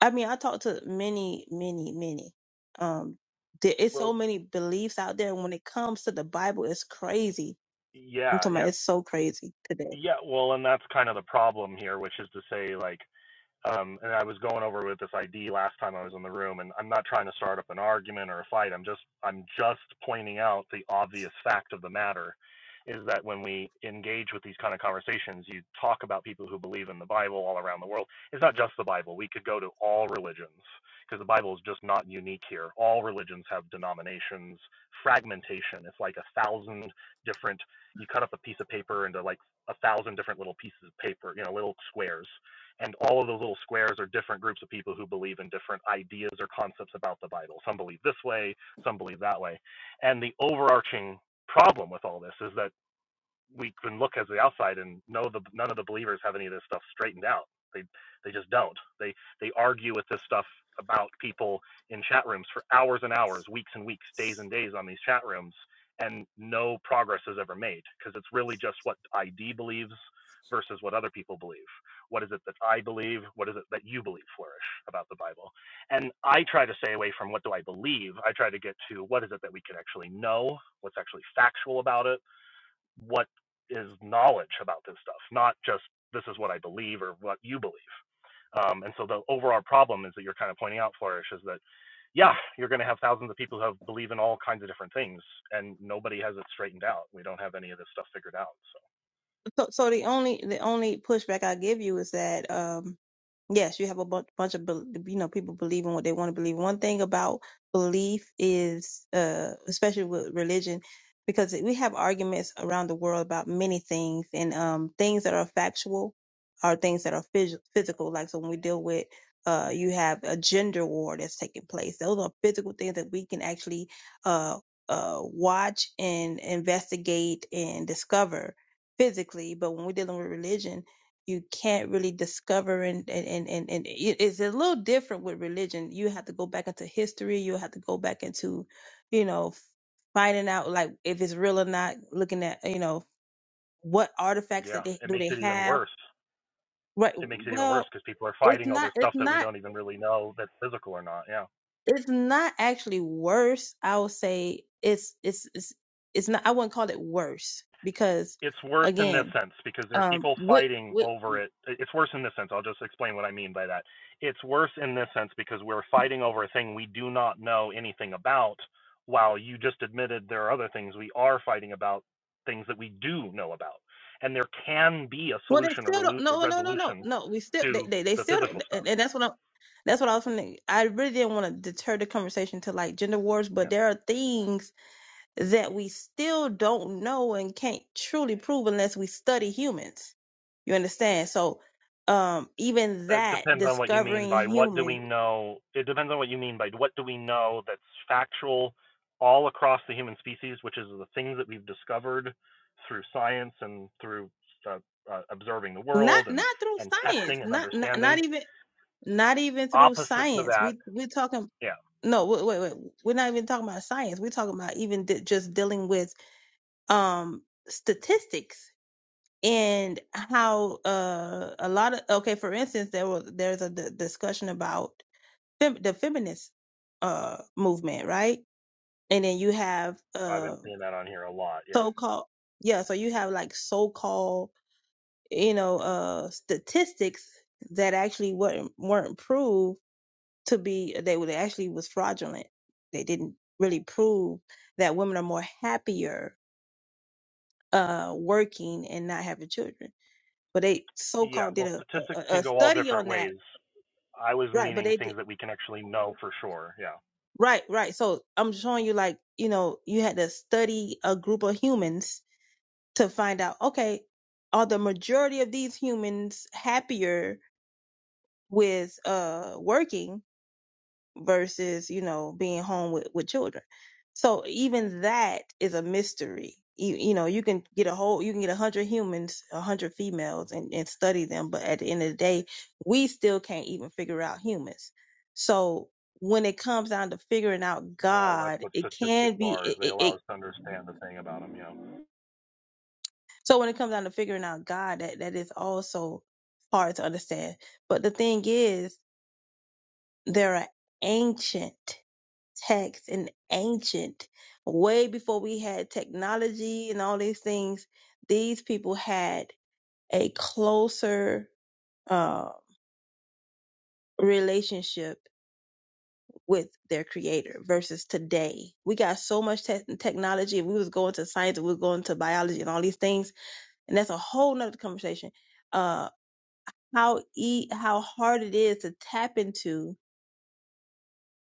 Speaker 4: I mean, I talked to many, many, many. Um, there is so
Speaker 5: Well,
Speaker 4: many beliefs out there. When it comes to the Bible, it's crazy. I'm
Speaker 5: yeah,
Speaker 4: talking
Speaker 5: yeah,
Speaker 4: about it's so crazy today.
Speaker 5: yeah. Well, and that's kind of the problem here, which is to say, like Um, and I was going over with this ID last time I was in the room, and I'm not trying to start up an argument or a fight. I'm just I'm just pointing out the obvious fact of the matter is that when we engage with these kind of conversations, you talk about people who believe in the Bible all around the world. It's not just the Bible. We could go to all religions because the Bible is just not unique here. All religions have denominations, fragmentation. It's like a thousand different. You cut up a piece of paper into like a thousand different little pieces of paper, you know, little squares and all of those little squares are different groups of people who believe in different ideas or concepts about the Bible. Some believe this way, some believe that way. And the overarching problem with all this is that we can look as the outside and know the none of the believers have any of this stuff straightened out. They they just don't. They they argue with this stuff about people in chat rooms for hours and hours, weeks and weeks, days and days on these chat rooms, and no progress is ever made because it's really just what ID believes versus what other people believe. What is it that I believe? What is it that you believe flourish about the Bible? And I try to stay away from what do I believe? I try to get to what is it that we can actually know, what's actually factual about it what is knowledge about this stuff, not just this is what I believe or what you believe. Um, and so the overall problem is that you're kind of pointing out, Flourish, is that yeah, you're going to have thousands of people who have, believe in all kinds of different things, and nobody has it straightened out. We don't have any of this stuff figured out. So
Speaker 4: So, so the only the only pushback I give you is that um, yes, you have a bunch, bunch of bel- you know people believing what they want to believe. One thing about belief is, uh, especially with religion, because we have arguments around the world about many things, and um, things that are factual are things that are phys- physical. Like so, when we deal with uh, you have a gender war that's taking place. Those are physical things that we can actually uh, uh, watch and investigate and discover physically, but when we're dealing with religion, you can't really discover and and and and, and it- it's a little different with religion. You have to go back into history. You have to go back into, you know, f- finding out like if it's real or not. Looking at you know what artifacts
Speaker 5: yeah,
Speaker 4: that they
Speaker 5: it
Speaker 4: do
Speaker 5: makes
Speaker 4: they
Speaker 5: it even
Speaker 4: have.
Speaker 5: worse.
Speaker 4: Right.
Speaker 5: It makes it even worse
Speaker 4: Well,
Speaker 5: because people are
Speaker 4: it's
Speaker 5: fighting over
Speaker 4: not.
Speaker 5: stuff
Speaker 4: It's
Speaker 5: that we
Speaker 4: not.
Speaker 5: don't even really know that's physical or not. Yeah.
Speaker 4: It's not actually worse. I would say it's it's it's it's not. I wouldn't call it worse because
Speaker 5: it's worse in this
Speaker 4: again,
Speaker 5: sense because there are
Speaker 4: um,
Speaker 5: people
Speaker 4: with,
Speaker 5: fighting
Speaker 4: with
Speaker 5: over it. It's worse in this sense. I'll just explain what I mean by that. It's worse in this sense because we're fighting over a thing we do not know anything about, while you just admitted there are other things we are fighting about, things that we do know about. And there can be a
Speaker 4: Well, they
Speaker 5: solution, a,
Speaker 4: still don't.
Speaker 5: relu- a
Speaker 4: No, no, no, no,
Speaker 5: resolution
Speaker 4: no. We still they
Speaker 5: to
Speaker 4: they, they
Speaker 5: the
Speaker 4: still
Speaker 5: physical
Speaker 4: don't,
Speaker 5: stuff.
Speaker 4: and, and that's what I'm. That's what I was. Finna, I really didn't want to deter the conversation to like gender wars, but there are things that we still don't know and can't truly prove unless we study humans. You understand? So, um, even
Speaker 5: It
Speaker 4: that
Speaker 5: depends on what you mean
Speaker 4: discovering
Speaker 5: by what do we
Speaker 4: human,
Speaker 5: know. It depends on what you mean by what do we know that's factual all across the human species, which is the things that we've discovered through science and through uh, uh, observing the
Speaker 4: not
Speaker 5: world and,
Speaker 4: not through
Speaker 5: and
Speaker 4: science,
Speaker 5: testing and
Speaker 4: not not
Speaker 5: understanding.
Speaker 4: not even not even through
Speaker 5: Opposite to
Speaker 4: science.
Speaker 5: that,
Speaker 4: We we're talking.
Speaker 5: yeah,
Speaker 4: No, wait, wait, wait. We're not even talking about science. We're talking about even di- just dealing with um statistics and how uh a lot of okay for instance there was there's a d- discussion about fem- the feminist uh movement right and then you have
Speaker 5: I've
Speaker 4: uh
Speaker 5: been seeing that on here a lot. Yeah.
Speaker 4: so-called yeah so you have like so-called you know uh statistics that actually weren't weren't proved to be they were they actually was fraudulent they didn't really prove that women are more happier uh working and not having children but they
Speaker 5: Yeah.
Speaker 4: so-called did
Speaker 5: Well,
Speaker 4: a, a,
Speaker 5: statistics can
Speaker 4: a
Speaker 5: go all
Speaker 4: study
Speaker 5: different
Speaker 4: on that
Speaker 5: ways. I was
Speaker 4: right but
Speaker 5: meaning
Speaker 4: they did
Speaker 5: things that we can actually know for sure. Yeah.
Speaker 4: right right so i'm showing you like you know you had to study a group of humans to find out okay are the majority of these humans happier with uh working versus you know being home with with children so even that is a mystery you, you know you can get a whole you can get a hundred humans a hundred females and, and study them but at the end of the day we still can't even figure out humans so when it comes down to figuring out
Speaker 5: Well, that's
Speaker 4: god
Speaker 5: what
Speaker 4: it
Speaker 5: statistics
Speaker 4: can be
Speaker 5: are.
Speaker 4: it,
Speaker 5: They
Speaker 4: it,
Speaker 5: allow
Speaker 4: it
Speaker 5: us to understand the thing about them. Yeah.
Speaker 4: so when it comes down to figuring out god that that is also hard to understand but the thing is there are ancient text and ancient, way before we had technology and all these things, these people had a closer uh, relationship with their creator versus today. We got so much tech technology. If we was going to science, if we was going to biology and all these things, and that's a whole nother conversation. Uh, how e- how hard it is to tap into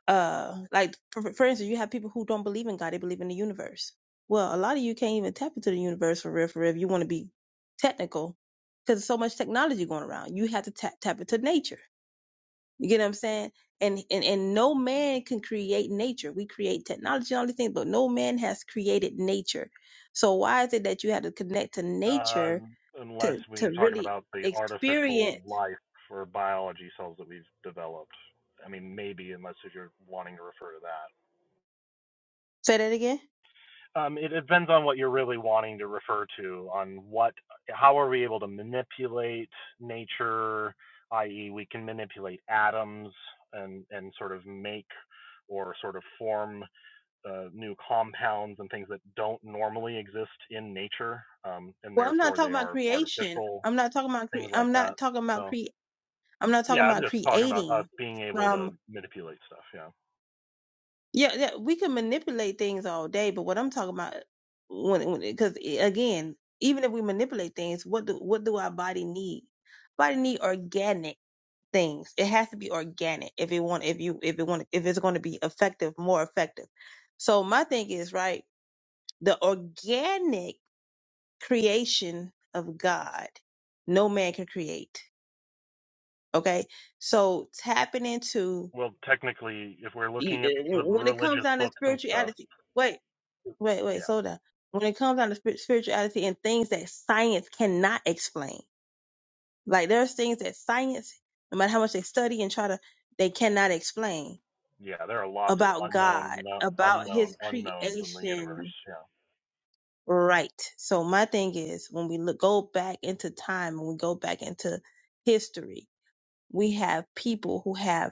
Speaker 4: uh like for, for instance you have people who don't believe in god they believe in the universe well a lot of you can't even tap into the universe for real for real if you want to be technical because there's so much technology going around you have to tap tap into nature you get what i'm saying and and, and no man can create nature we create technology and all these things but no man has created nature so why is it that you have to connect to
Speaker 5: Uh,
Speaker 4: nature
Speaker 5: unless
Speaker 4: to
Speaker 5: we
Speaker 4: to
Speaker 5: are talking
Speaker 4: really
Speaker 5: about the artificial
Speaker 4: experience
Speaker 5: life or biology cells that we've developed. I mean, maybe unless if you're wanting to refer to that.
Speaker 4: say that again
Speaker 5: Um, it, it depends on what you're really wanting to refer to. On what, how are we able to manipulate nature? I.e., we can manipulate atoms and and sort of make or sort of form uh, new compounds and things that don't normally exist in nature, um, and
Speaker 4: well i'm not
Speaker 5: therefore
Speaker 4: talking
Speaker 5: they
Speaker 4: about
Speaker 5: are
Speaker 4: creation
Speaker 5: artificial
Speaker 4: i'm not talking about cre-
Speaker 5: things like
Speaker 4: i'm
Speaker 5: that.
Speaker 4: not talking about
Speaker 5: So
Speaker 4: creation I'm not
Speaker 5: yeah,
Speaker 4: talking
Speaker 5: I'm
Speaker 4: about
Speaker 5: just talking about us
Speaker 4: creating
Speaker 5: being able to
Speaker 4: from
Speaker 5: manipulate stuff. Yeah.
Speaker 4: yeah, yeah we can manipulate things all day, but what I'm talking about when when because again, even if we manipulate things, what do what do our body need? Body need organic things. It has to be organic if it want if you if it want if it's going to be effective, more effective. So my thing is right, the organic creation of God, no man can create. Okay, so tapping into
Speaker 5: Well, technically, if we're
Speaker 4: You,
Speaker 5: looking at
Speaker 4: uh,
Speaker 5: the
Speaker 4: when it comes
Speaker 5: religious
Speaker 4: down to
Speaker 5: books and stuff,
Speaker 4: spirituality, wait, wait, wait,
Speaker 5: yeah,
Speaker 4: slow down. When it comes down to spir- spirituality and things that science cannot explain, like there's things that science, no matter how much they study and try to, they cannot explain
Speaker 5: yeah, there are lots of
Speaker 4: about
Speaker 5: unknown,
Speaker 4: God,
Speaker 5: no-
Speaker 4: about
Speaker 5: unknown,
Speaker 4: His
Speaker 5: unknowns in the universe.
Speaker 4: creation.
Speaker 5: Yeah,
Speaker 4: Right. So my thing is, when we look go back into time and we go back into history, we have people who have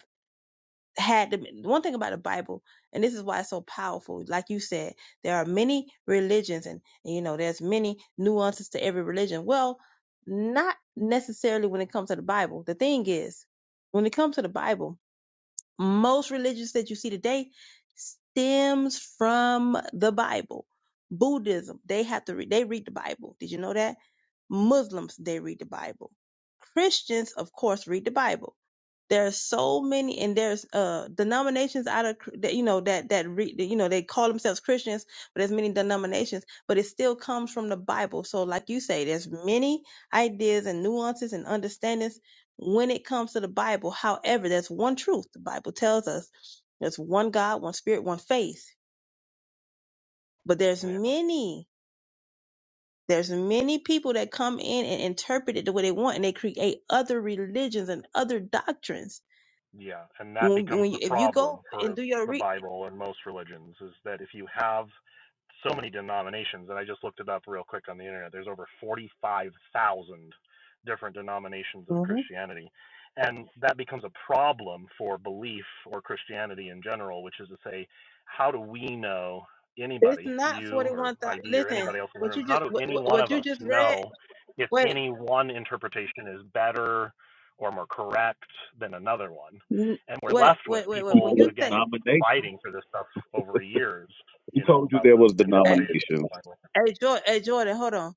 Speaker 4: had them. One thing about the Bible, and this is why it's so powerful. Like you said, there are many religions, and, you know, there's many nuances to every religion. Well, not necessarily when it comes to the Bible. The thing is, when it comes to the Bible most religions that you see today stems from the Bible. Buddhism, they have to read, they read the Bible. Did you know that? Muslims, they read the Bible. Christians, of course, read the Bible. There are so many, and there's uh denominations out of cr- that you know that that read you know they call themselves Christians, but there's many denominations, but it still comes from the Bible. So, like you say, there's many ideas and nuances and understandings when it comes to the Bible. However, there's one truth. The Bible tells us there's one God, one spirit, one faith. But there's
Speaker 5: yeah.
Speaker 4: many, there's many people that come in and interpret it the way they want and they create other religions and other doctrines.
Speaker 5: Yeah, and that
Speaker 4: When,
Speaker 5: becomes
Speaker 4: when you,
Speaker 5: the
Speaker 4: if you
Speaker 5: problem
Speaker 4: go and
Speaker 5: for
Speaker 4: do your
Speaker 5: the
Speaker 4: read,
Speaker 5: Bible and most religions is that if you have so many denominations, and I just looked it up real quick on the internet, there's over 45,000 different denominations of
Speaker 4: hmm
Speaker 5: Christianity. And that becomes a problem for belief or Christianity in general, which is to say, how do we know
Speaker 4: it's
Speaker 5: anybody,
Speaker 4: not
Speaker 5: you or
Speaker 4: 41,000.
Speaker 5: ID or
Speaker 4: Listen,
Speaker 5: anybody else in the
Speaker 4: what
Speaker 5: room,
Speaker 4: you
Speaker 5: how
Speaker 4: just,
Speaker 5: do
Speaker 4: what,
Speaker 5: any
Speaker 4: what
Speaker 5: one
Speaker 4: what
Speaker 5: of
Speaker 4: you
Speaker 5: us
Speaker 4: just read,
Speaker 5: know if
Speaker 4: wait,
Speaker 5: any one interpretation is better or more correct than another one.
Speaker 4: n-
Speaker 5: And we're
Speaker 4: wait,
Speaker 5: left with
Speaker 4: wait, wait, wait.
Speaker 6: You
Speaker 4: When
Speaker 5: people
Speaker 4: you
Speaker 5: again
Speaker 4: say,
Speaker 6: denomination.
Speaker 5: fighting for this stuff over years,
Speaker 6: Who
Speaker 5: you know,
Speaker 6: told you
Speaker 5: about
Speaker 6: there
Speaker 5: the
Speaker 6: was
Speaker 4: hey,
Speaker 5: interpretation.
Speaker 6: denominations?
Speaker 4: hey, Jordan, hey Jordan, hold on.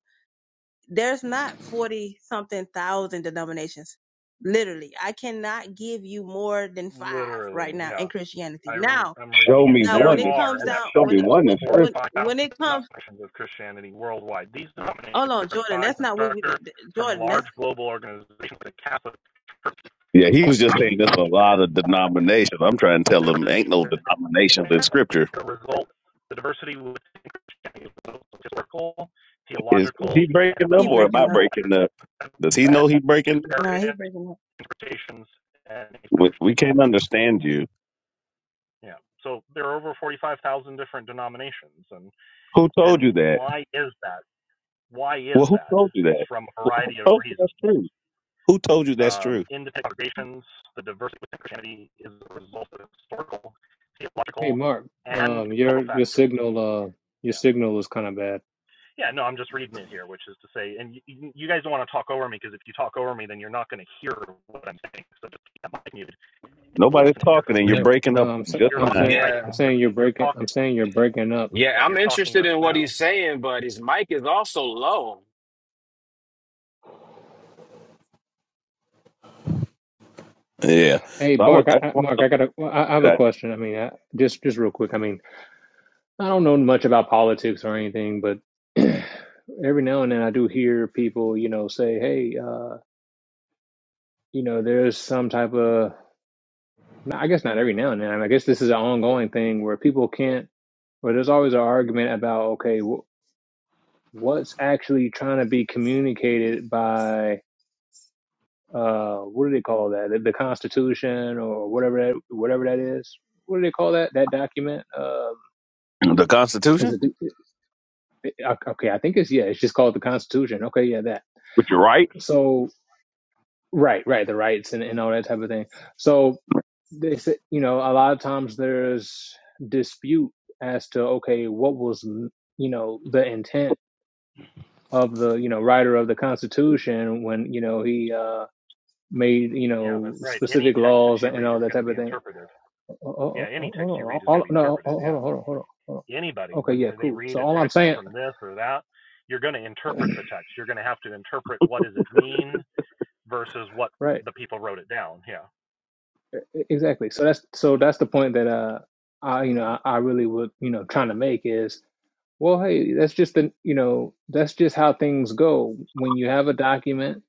Speaker 4: there's not 40 something thousand denominations. Literally, I cannot give you more than five right
Speaker 5: Literally,
Speaker 4: now
Speaker 5: yeah.
Speaker 4: in Christianity.
Speaker 5: I,
Speaker 4: Now,
Speaker 5: am reading
Speaker 6: Show
Speaker 5: it.
Speaker 6: me
Speaker 4: now
Speaker 5: There
Speaker 4: when
Speaker 6: one.
Speaker 4: it
Speaker 6: In,
Speaker 5: are
Speaker 4: comes
Speaker 5: an
Speaker 4: down,
Speaker 6: show
Speaker 4: when,
Speaker 6: me
Speaker 5: estimated
Speaker 6: one
Speaker 4: when,
Speaker 6: in scripture.
Speaker 4: when
Speaker 5: 45,000
Speaker 4: when it comes,
Speaker 5: denominations of Christianity worldwide. These denominations
Speaker 4: hold on,
Speaker 5: vary in
Speaker 4: Jordan,
Speaker 5: size
Speaker 4: that's
Speaker 5: and
Speaker 4: not what we
Speaker 5: structure
Speaker 4: did.
Speaker 5: from
Speaker 4: Jordan,
Speaker 5: large
Speaker 4: that's,
Speaker 5: global organizations like Catholic to
Speaker 6: Yeah, he
Speaker 5: smaller
Speaker 6: was just saying
Speaker 5: indie.
Speaker 6: there's a lot of denominations. I'm trying to tell
Speaker 5: The
Speaker 6: him
Speaker 5: diversity
Speaker 6: ain't no
Speaker 5: within
Speaker 6: denominations in
Speaker 5: America
Speaker 6: scripture.
Speaker 5: result the diversity within historical,
Speaker 6: Is, is
Speaker 5: theological,
Speaker 6: he
Speaker 5: and
Speaker 6: breaking up
Speaker 4: he
Speaker 6: or am
Speaker 4: breaking
Speaker 6: I
Speaker 5: cultural
Speaker 4: up.
Speaker 6: breaking up?
Speaker 5: and
Speaker 6: Does he
Speaker 5: led
Speaker 6: know he breaking?
Speaker 5: to
Speaker 6: up?
Speaker 4: No, he
Speaker 5: various
Speaker 4: breaking up.
Speaker 5: interpretations and
Speaker 6: We,
Speaker 5: expressions
Speaker 6: we
Speaker 5: of the
Speaker 6: can't
Speaker 5: Christian.
Speaker 6: understand you.
Speaker 5: Yeah. So there are over 45,000 different denominations, and
Speaker 6: Who told
Speaker 5: and
Speaker 6: you that?
Speaker 5: why is that? Why is
Speaker 6: Well, who
Speaker 5: that?
Speaker 6: told you
Speaker 5: It's
Speaker 6: that?
Speaker 5: from a
Speaker 6: Who who
Speaker 5: variety of
Speaker 6: told you
Speaker 5: reasons.
Speaker 6: that's true? Who told you that's
Speaker 5: Um,
Speaker 6: true?
Speaker 5: in the congregations, the diversity within Christianity is a result of historical,
Speaker 1: Hey,
Speaker 5: theological,
Speaker 1: Mark.
Speaker 5: and
Speaker 1: Um,
Speaker 5: cultural
Speaker 1: your your
Speaker 5: factors.
Speaker 1: signal. Uh,
Speaker 5: Yeah.
Speaker 1: your signal is kind of bad.
Speaker 5: Yeah, no, I'm just reading it here, which is to say, and you, you guys don't want to talk over me because if you talk over me, then you're not going to hear what I'm saying. So just keep that mic muted and you
Speaker 6: Nobody's
Speaker 5: listen to hear what
Speaker 6: talking
Speaker 5: I'm
Speaker 6: and you're
Speaker 7: Yeah,
Speaker 5: saying.
Speaker 6: breaking
Speaker 1: No,
Speaker 6: up
Speaker 1: I'm sa-
Speaker 6: just
Speaker 5: You're
Speaker 1: I'm
Speaker 6: fine.
Speaker 5: talking
Speaker 1: saying
Speaker 5: right.
Speaker 1: I'm
Speaker 7: yeah,
Speaker 5: You're,
Speaker 1: saying you're
Speaker 5: you're
Speaker 1: breaking. I'm
Speaker 5: talking.
Speaker 1: saying you're breaking up.
Speaker 5: Yeah,
Speaker 7: yeah. I'm
Speaker 5: you're talking
Speaker 7: interested
Speaker 5: right
Speaker 7: in what
Speaker 5: now.
Speaker 7: he's saying, but his mic is also low.
Speaker 6: Yeah.
Speaker 1: Hey,
Speaker 6: So I would.
Speaker 1: Mark.
Speaker 6: I,
Speaker 1: I, I,
Speaker 6: want to
Speaker 1: Mark, I
Speaker 6: look
Speaker 1: got a. I, I have a
Speaker 6: at
Speaker 1: question. I mean, I, just just real quick. I mean. I don't know much about politics or anything, but every now and then I do hear people, you know, say, "Hey, uh, you know, there's some type of." no, I guess not every now and then. I, mean, I guess this is an ongoing thing where people can't, Where there's always an argument about, okay, wh- what's actually trying to be communicated by, uh, what do they call that? The, the Constitution or whatever that, whatever that is. What do they call that? That document? Uh,
Speaker 6: that. the
Speaker 1: is
Speaker 6: Constitution.
Speaker 1: it? the- it- it- Okay, I think it's yeah. It's just called the Constitution. Okay, yeah, that.
Speaker 6: Would you are right?
Speaker 1: So Right, right, the rights and, and all that type of thing. So they said, you know, a lot of times there's dispute as to okay, what was you know the intent of the you know writer of the Constitution when you know he uh made you
Speaker 5: Yeah,
Speaker 1: know
Speaker 5: that's right. Any
Speaker 1: specific
Speaker 5: text that
Speaker 1: laws
Speaker 5: you
Speaker 1: and
Speaker 5: read
Speaker 1: all
Speaker 5: is
Speaker 1: that
Speaker 5: going to
Speaker 1: type
Speaker 5: be
Speaker 1: of thing.
Speaker 5: interpreted. Yeah,
Speaker 1: Oh, oh, oh,
Speaker 5: any text you
Speaker 1: oh, oh,
Speaker 5: read is
Speaker 1: hold on,
Speaker 5: going
Speaker 1: all,
Speaker 5: to be
Speaker 1: no,
Speaker 5: interpreted.
Speaker 1: oh, hold
Speaker 5: Yeah.
Speaker 1: on, hold on, hold on. hold on.
Speaker 5: Anybody,
Speaker 1: Okay,
Speaker 5: when
Speaker 1: yeah,
Speaker 5: they
Speaker 1: cool.
Speaker 5: read
Speaker 1: So
Speaker 5: a
Speaker 1: all I'm
Speaker 5: text
Speaker 1: saying,
Speaker 5: from this or that, you're going to interpret the text. You're going to have to interpret what does it mean versus what
Speaker 1: right,
Speaker 5: the people wrote it down. Yeah.
Speaker 1: e- exactly. So that's so that's the point that uh I you know I, I really would you know trying to make is Well, hey, that's just the, you know, that's just how things go. When you have a document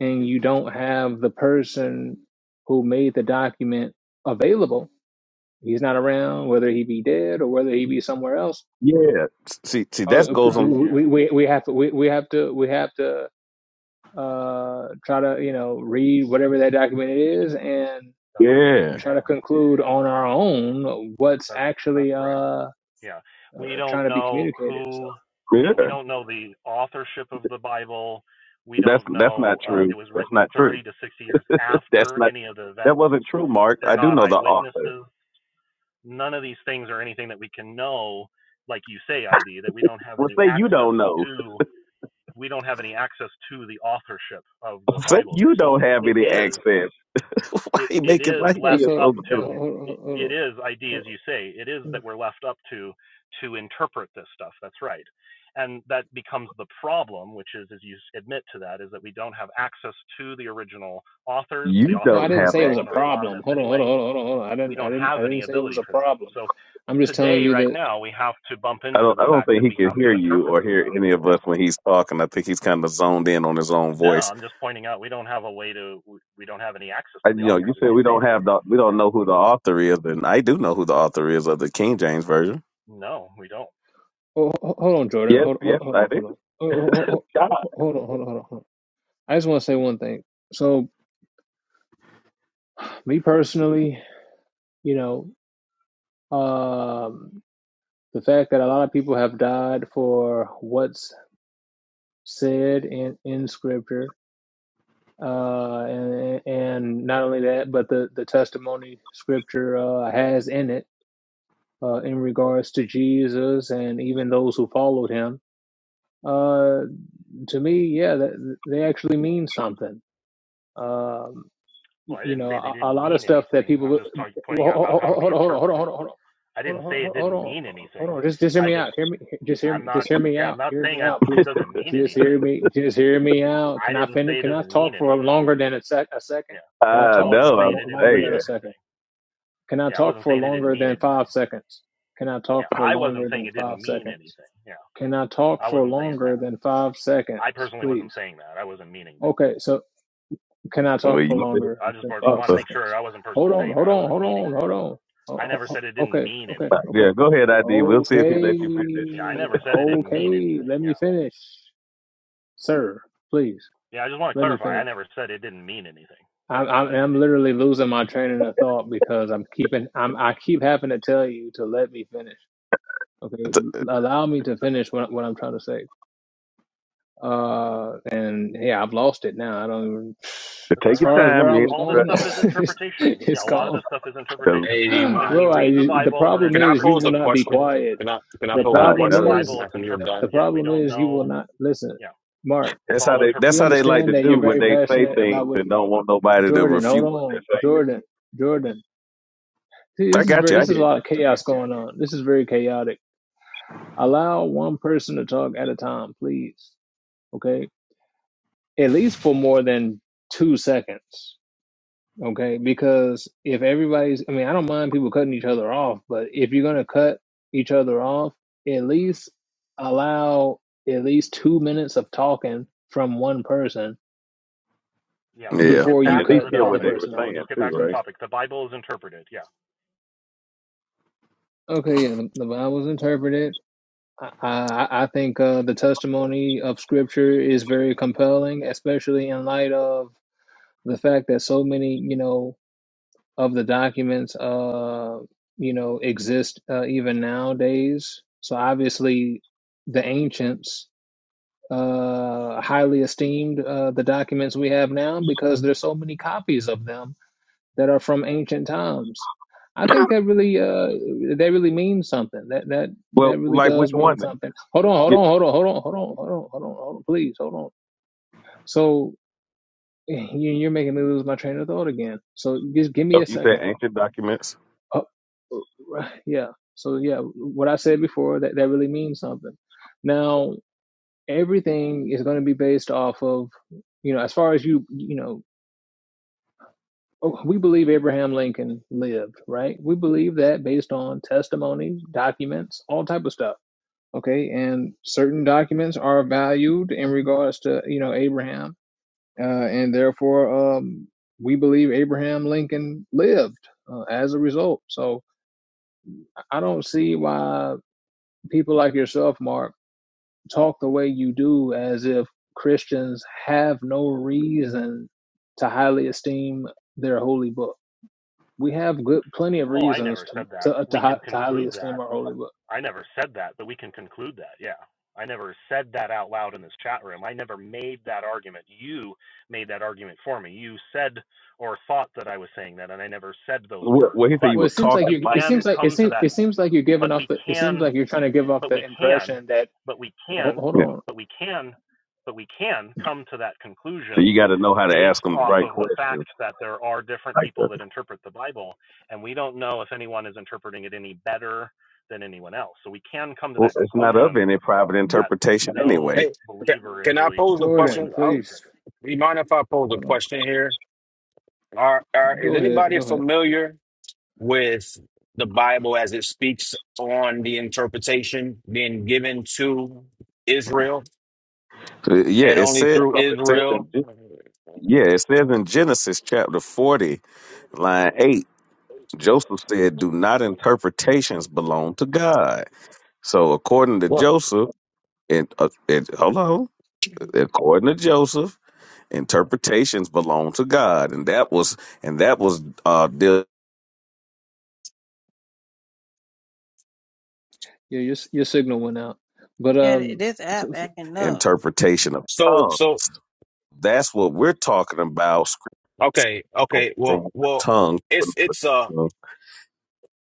Speaker 1: and you don't have the person who made the document available, he's not around, whether he be dead or whether he be somewhere else.
Speaker 6: Yeah. See, see, that
Speaker 5: That's
Speaker 1: uh,
Speaker 6: goes on.
Speaker 5: right. Yeah.
Speaker 1: We, we, we have to, we, we have to, we have to uh, try to, you know, read whatever that document is and
Speaker 5: That's right.
Speaker 6: Yeah,
Speaker 1: try to
Speaker 5: Yeah.
Speaker 1: conclude on our own what's
Speaker 5: That that's
Speaker 1: actually
Speaker 5: right.
Speaker 1: uh,
Speaker 5: Yeah. We don't
Speaker 1: trying to be
Speaker 5: know
Speaker 1: communicated. So,
Speaker 5: who yeah, we
Speaker 6: yeah.
Speaker 5: don't know the authorship of the Bible. We
Speaker 6: That's
Speaker 5: don't
Speaker 6: that's
Speaker 5: know
Speaker 6: not
Speaker 5: uh, it
Speaker 6: true.
Speaker 5: was
Speaker 6: That's
Speaker 5: written
Speaker 6: not true.
Speaker 5: 30 to 60 years
Speaker 6: That's
Speaker 5: after
Speaker 6: not.
Speaker 5: any of the
Speaker 6: That
Speaker 5: events.
Speaker 6: wasn't true, Mark.
Speaker 5: They're
Speaker 6: I do
Speaker 5: not
Speaker 6: know the author.
Speaker 5: eyewitnesses. None of these things are anything that we can know like you say ID that we don't have
Speaker 6: Well,
Speaker 5: any
Speaker 6: say you
Speaker 5: access
Speaker 6: don't know.
Speaker 5: to we don't have any access to the authorship of the
Speaker 6: Say
Speaker 5: Bible there.
Speaker 6: you
Speaker 5: So
Speaker 6: don't have
Speaker 5: it
Speaker 6: any
Speaker 5: is
Speaker 6: access. why
Speaker 5: it,
Speaker 6: he
Speaker 5: it
Speaker 6: making?
Speaker 5: is
Speaker 6: Why he
Speaker 1: yeah,
Speaker 5: left
Speaker 6: being
Speaker 1: so,
Speaker 5: up
Speaker 6: so?
Speaker 1: uh,
Speaker 5: to
Speaker 1: hold on,
Speaker 5: it,
Speaker 1: hold
Speaker 5: it
Speaker 1: on,
Speaker 5: is id as you say it is that we're left up to to interpret this stuff that's right and that becomes the problem which is as you admit to that is that we don't have access to the original authors the
Speaker 6: You
Speaker 1: Well,
Speaker 5: authors
Speaker 1: I
Speaker 6: don't
Speaker 5: are
Speaker 1: didn't
Speaker 6: have
Speaker 1: say it
Speaker 6: access.
Speaker 1: was a
Speaker 5: unknown or
Speaker 1: problem.
Speaker 5: anonymous
Speaker 1: Hold on, hold on,
Speaker 5: anyway
Speaker 1: hold on, hold on, hold on. I
Speaker 5: we
Speaker 1: didn't, I
Speaker 5: don't
Speaker 1: didn't, I
Speaker 5: have any
Speaker 1: didn't say it was
Speaker 5: ability
Speaker 1: a
Speaker 5: for that
Speaker 1: problem.
Speaker 5: so
Speaker 1: I'm just telling
Speaker 5: today
Speaker 1: you
Speaker 5: right
Speaker 1: that.
Speaker 5: now we have to bump
Speaker 6: I
Speaker 5: into
Speaker 6: don't.
Speaker 5: the
Speaker 6: I don't
Speaker 5: fact
Speaker 6: think
Speaker 5: that
Speaker 6: he
Speaker 5: we
Speaker 6: can
Speaker 5: have
Speaker 6: hear
Speaker 5: to
Speaker 6: you
Speaker 5: interpret
Speaker 6: or
Speaker 5: this
Speaker 6: hear
Speaker 5: stuff
Speaker 6: any of
Speaker 5: yeah
Speaker 6: us when he's talking. I think he's kind of zoned in on his own
Speaker 5: no
Speaker 6: voice.
Speaker 5: i'm just pointing out we don't have a way to we we don't have any access
Speaker 6: I,
Speaker 5: to the
Speaker 6: you know,
Speaker 5: authors
Speaker 6: you
Speaker 5: as
Speaker 6: said
Speaker 5: you
Speaker 6: we
Speaker 5: say
Speaker 6: don't have
Speaker 5: id
Speaker 6: the. We
Speaker 5: yeah
Speaker 6: don't know who the author is, and I do know who the author is of the King James version.
Speaker 5: no we don't
Speaker 1: Oh, ho- hold on, Jordan.
Speaker 6: Yes,
Speaker 1: Hold, hold,
Speaker 6: yes,
Speaker 1: hold
Speaker 6: I
Speaker 1: on, hold on.
Speaker 6: do.
Speaker 1: Oh, oh, oh, oh, oh, Hold on, hold on, hold on, hold on. I just want to say one thing. So, me personally, you know, um, the fact that a lot of people have died for what's said in in scripture, uh, and and not only that, but the the testimony scripture uh, has in it uh, in regards to Jesus and even those who followed him, uh, to me, yeah, that, they actually mean something. Um,
Speaker 5: Well, I
Speaker 1: you
Speaker 5: didn't
Speaker 1: know,
Speaker 5: say they
Speaker 1: a, a
Speaker 5: didn't
Speaker 1: lot of
Speaker 5: mean
Speaker 1: stuff that
Speaker 5: anything. I was
Speaker 1: people
Speaker 5: just talking, pointing out about how do we
Speaker 1: hold on, hold on, hold on,
Speaker 5: interpret it.
Speaker 1: hold on.
Speaker 5: I
Speaker 1: Hold on,
Speaker 5: didn't
Speaker 1: hold
Speaker 5: say
Speaker 1: on, hold
Speaker 5: it
Speaker 1: on,
Speaker 5: didn't
Speaker 1: hold
Speaker 5: mean
Speaker 1: on. hold
Speaker 5: anything.
Speaker 1: on. Just, just hear
Speaker 5: I
Speaker 1: me
Speaker 5: just,
Speaker 1: out. Hear me. Just hear me.
Speaker 5: I'm not,
Speaker 1: Just hear me
Speaker 5: yeah,
Speaker 1: out.
Speaker 5: I'm not
Speaker 1: Hear
Speaker 5: saying
Speaker 1: me
Speaker 5: I,
Speaker 1: out,
Speaker 5: it
Speaker 1: please.
Speaker 5: doesn't mean
Speaker 1: Just hear
Speaker 5: anything.
Speaker 1: me. Just hear me out.
Speaker 5: I
Speaker 1: Can I
Speaker 5: didn't
Speaker 1: finish?
Speaker 5: say it
Speaker 1: Can I
Speaker 5: doesn't mean
Speaker 1: talk for
Speaker 5: anything.
Speaker 1: longer than a sec? A second?
Speaker 5: Yeah.
Speaker 1: Can I
Speaker 6: I
Speaker 5: I
Speaker 1: talk
Speaker 5: wasn't
Speaker 6: know,
Speaker 1: for
Speaker 5: saying
Speaker 6: I'm
Speaker 1: more,
Speaker 5: it didn't
Speaker 1: longer
Speaker 5: mean
Speaker 1: than a
Speaker 6: saying.
Speaker 1: second?
Speaker 5: anything.
Speaker 1: Can I
Speaker 5: Yeah. I
Speaker 1: talk
Speaker 5: wasn't
Speaker 1: for
Speaker 5: saying it didn't
Speaker 1: longer
Speaker 5: mean
Speaker 1: than
Speaker 5: anything.
Speaker 1: five seconds? Can I talk
Speaker 5: Yeah.
Speaker 1: for
Speaker 5: I wasn't
Speaker 1: longer
Speaker 5: saying
Speaker 1: than
Speaker 5: it
Speaker 1: five
Speaker 5: didn't mean
Speaker 1: seconds?
Speaker 5: anything. Yeah.
Speaker 1: Can I talk
Speaker 5: I
Speaker 1: for
Speaker 5: wasn't saying that.
Speaker 1: longer than five seconds,
Speaker 5: I personally wasn't
Speaker 1: please?
Speaker 5: saying that. I wasn't meaning that.
Speaker 1: Okay, so can I talk
Speaker 6: Well,
Speaker 1: for
Speaker 6: you better
Speaker 1: longer
Speaker 5: I just
Speaker 1: than
Speaker 5: want
Speaker 6: stop.
Speaker 1: five
Speaker 5: to
Speaker 6: us.
Speaker 5: make sure
Speaker 1: seconds?
Speaker 5: I wasn't
Speaker 1: Hold
Speaker 5: personally
Speaker 1: on,
Speaker 5: saying
Speaker 1: hold
Speaker 5: that. I
Speaker 1: on,
Speaker 5: wasn't
Speaker 1: hold
Speaker 5: meaning
Speaker 1: on, hold
Speaker 5: that.
Speaker 1: on.
Speaker 5: I
Speaker 1: Ho- ho-
Speaker 5: never
Speaker 1: ho-
Speaker 5: said it didn't
Speaker 1: Okay,
Speaker 5: mean
Speaker 1: okay,
Speaker 5: anything.
Speaker 1: okay.
Speaker 6: Yeah, go ahead, ID. We'll see if he lets you finish.
Speaker 5: Yeah. I
Speaker 1: Okay,
Speaker 5: never said it didn't mean
Speaker 1: okay.
Speaker 5: anything.
Speaker 1: Let
Speaker 5: Yeah.
Speaker 1: me finish, sir. Please
Speaker 5: Yeah, I just want to
Speaker 1: let me
Speaker 5: clarify. I
Speaker 1: finish.
Speaker 5: never said it didn't mean anything.
Speaker 1: I'm, I'm I'm literally losing my train of thought because I'm keeping I'm I keep having to tell you to let me finish. Okay,
Speaker 6: T-
Speaker 1: allow me to finish what what I'm trying to say. Uh, and yeah, I've lost it now. I don't. Even,
Speaker 5: That's
Speaker 1: as
Speaker 5: all
Speaker 6: Take your
Speaker 5: right.
Speaker 1: far as where
Speaker 6: time,
Speaker 1: I
Speaker 5: It,
Speaker 6: yeah.
Speaker 1: was
Speaker 5: all this
Speaker 1: going,
Speaker 5: stuff is interpretation. Yeah,
Speaker 1: it's
Speaker 5: a lot of this
Speaker 1: gone,
Speaker 5: stuff is
Speaker 6: Because
Speaker 5: interpretation.
Speaker 7: Hey, do you
Speaker 5: When
Speaker 7: mind?
Speaker 5: we
Speaker 1: bro. I,
Speaker 5: read the
Speaker 1: the
Speaker 5: Bible, we're
Speaker 1: problem
Speaker 7: Can I
Speaker 1: is you
Speaker 5: interpreting
Speaker 7: pose
Speaker 1: will
Speaker 7: a
Speaker 5: it.
Speaker 1: not be
Speaker 7: question?
Speaker 1: quiet.
Speaker 7: Can I can I
Speaker 1: The
Speaker 5: When
Speaker 7: pose
Speaker 5: we
Speaker 7: a
Speaker 6: I
Speaker 5: read
Speaker 1: problem
Speaker 5: the
Speaker 6: know.
Speaker 7: question
Speaker 5: Bible,
Speaker 1: is
Speaker 5: it's
Speaker 7: after you're
Speaker 5: interpreted.
Speaker 1: the
Speaker 7: done?
Speaker 5: Yeah, we
Speaker 1: problem
Speaker 5: don't
Speaker 1: is you will
Speaker 5: know.
Speaker 1: not listen.
Speaker 5: Yeah,
Speaker 1: Mark,
Speaker 5: it's
Speaker 6: That's how
Speaker 5: all
Speaker 6: they. That's
Speaker 1: we
Speaker 5: interpreted.
Speaker 6: how they
Speaker 5: Yeah.
Speaker 6: like
Speaker 1: understand
Speaker 6: to
Speaker 1: that
Speaker 6: do
Speaker 1: you're
Speaker 6: when
Speaker 1: very
Speaker 6: they say
Speaker 1: passionate
Speaker 6: things
Speaker 1: about what
Speaker 6: and
Speaker 1: you,
Speaker 6: don't want nobody to
Speaker 1: Jordan. Hold
Speaker 6: refute what
Speaker 1: on,
Speaker 6: they're
Speaker 1: Jordan, Jordan. See,
Speaker 6: saying. I
Speaker 1: this is
Speaker 6: got
Speaker 1: very.
Speaker 6: you. I
Speaker 1: This is a
Speaker 6: hear you.
Speaker 1: lot of chaos going on. This is very chaotic. Allow one person to talk at a time, please. Okay at least for more than two seconds. Okay, because if everybody's, I mean, I don't mind people cutting each other off, but if you're gonna cut each other off, at least allow at least two minutes of talking from one person
Speaker 5: Yeah, we'll just
Speaker 6: Yeah,
Speaker 5: get
Speaker 1: before
Speaker 6: and
Speaker 1: you
Speaker 5: back
Speaker 6: at
Speaker 5: to
Speaker 6: least
Speaker 1: cut
Speaker 5: the
Speaker 1: the
Speaker 6: hear
Speaker 1: other
Speaker 6: what
Speaker 5: topic.
Speaker 6: they were
Speaker 1: person off,
Speaker 5: We'll
Speaker 6: saying
Speaker 5: just get
Speaker 6: too,
Speaker 5: back to the
Speaker 6: right?
Speaker 1: please.
Speaker 5: topic. The Bible is interpreted. Yeah.
Speaker 1: Okay, yeah, the, the Bible's interpreted. I, I, I think uh, the testimony of Scripture is very compelling, especially in light of the fact that so many, you know, of the documents, uh, you know, exist uh, even nowadays. So obviously, the ancients uh, highly esteemed uh, the documents we have now because there's so many copies of them that are from ancient times. I think that really uh, that really means something. That that
Speaker 6: Well,
Speaker 1: that really
Speaker 6: like which
Speaker 1: does mean
Speaker 6: one? Then?
Speaker 1: something. Hold on, hold
Speaker 6: Get,
Speaker 1: on, hold on, hold on, hold on, hold on, hold on, hold on please, hold on. So you- you're making me lose my train of thought again. So just give me
Speaker 6: oh,
Speaker 1: a
Speaker 6: you
Speaker 1: second.
Speaker 6: said ancient documents.
Speaker 1: Oh, right. Yeah. So yeah, what I said before that that really means something. Now everything is going to be based off of you know as far as you you know oh, we believe Abraham Lincoln lived right. We believe that based on testimony, documents, all type of stuff. Okay, and certain documents are valued in regards to you know Abraham, uh, and therefore um, we believe Abraham Lincoln lived uh, as a result. So I don't see why people like yourself, Mark, talk the way you do as if Christians have no reason to highly esteem their holy book. We have good, plenty of
Speaker 5: Oh, I
Speaker 1: reasons
Speaker 5: never
Speaker 1: to
Speaker 5: said that.
Speaker 1: to uh, to,
Speaker 5: We
Speaker 1: hi-
Speaker 5: can
Speaker 1: to highly
Speaker 5: conclude that.
Speaker 1: esteem our holy book.
Speaker 5: I never said that, but we can conclude that. Yeah. I never said that out loud in this chat room. I never made that argument. You made that argument for me. You said or thought that I was saying that, and I never said those
Speaker 6: What?
Speaker 5: words.
Speaker 6: Well, he said
Speaker 5: But
Speaker 6: you
Speaker 1: Well, it
Speaker 6: was
Speaker 1: seems like
Speaker 6: talking
Speaker 5: we
Speaker 1: you. It
Speaker 6: like.
Speaker 5: can
Speaker 1: seems like it
Speaker 5: come to
Speaker 1: seems
Speaker 5: that.
Speaker 1: it seems like you're giving
Speaker 5: But
Speaker 1: off
Speaker 5: we
Speaker 1: the. It seems
Speaker 5: can
Speaker 1: like you're trying to give off
Speaker 5: but we
Speaker 1: the
Speaker 5: can,
Speaker 1: impression that.
Speaker 5: but we
Speaker 1: ho-
Speaker 5: can,
Speaker 1: Hold
Speaker 6: it. Yeah.
Speaker 1: on,
Speaker 5: but we can, but we can come to that
Speaker 6: So you
Speaker 5: conclusion
Speaker 6: got to know how to
Speaker 5: based
Speaker 6: ask them the
Speaker 5: off
Speaker 6: right
Speaker 5: of the
Speaker 6: questions.
Speaker 5: fact that there are different
Speaker 6: Like, uh,
Speaker 5: people that interpret the Bible, and we don't know if anyone is interpreting it any better than anyone else. So we can come to
Speaker 6: well,
Speaker 5: that
Speaker 6: it's not of
Speaker 5: conclusion
Speaker 6: any private
Speaker 1: W-
Speaker 5: that
Speaker 6: interpretation
Speaker 5: no
Speaker 6: anyway.
Speaker 7: Hey, ca-
Speaker 5: believer is
Speaker 7: can I
Speaker 5: really
Speaker 7: pose a
Speaker 5: knowing
Speaker 1: Jordan,
Speaker 7: question?
Speaker 5: this
Speaker 7: I,
Speaker 5: stuff.
Speaker 1: please.
Speaker 5: correctly.
Speaker 7: you mind if I pose
Speaker 1: Hold
Speaker 7: a
Speaker 1: on.
Speaker 7: question here? Are, are is
Speaker 1: Go ahead.
Speaker 7: anybody
Speaker 1: Go ahead.
Speaker 7: familiar with the Bible as it speaks on the interpretation being given to Israel
Speaker 6: Uh, Yeah,
Speaker 7: and
Speaker 6: it
Speaker 7: only
Speaker 6: says,
Speaker 7: through
Speaker 6: it says in,
Speaker 7: Israel?
Speaker 6: Gen- yeah, it says in Genesis chapter 40, line 8, Joseph said, Do not interpretations belong to God. So, according to
Speaker 7: Well,
Speaker 6: Joseph, and uh, it, hold on, according to Joseph, interpretations belong to God, and that was and that was uh, the
Speaker 1: Yeah, your your signal went out. But
Speaker 4: Yeah,
Speaker 1: um,
Speaker 4: this app acting up.
Speaker 6: interpretation of
Speaker 7: so
Speaker 6: tongue.
Speaker 7: so
Speaker 6: That's what we're talking about. scrip-
Speaker 7: Okay,
Speaker 6: scrip-
Speaker 7: okay.
Speaker 6: From
Speaker 7: Well,
Speaker 6: one
Speaker 7: well,
Speaker 6: tongue,
Speaker 7: it's
Speaker 6: to
Speaker 7: it's uh
Speaker 6: another.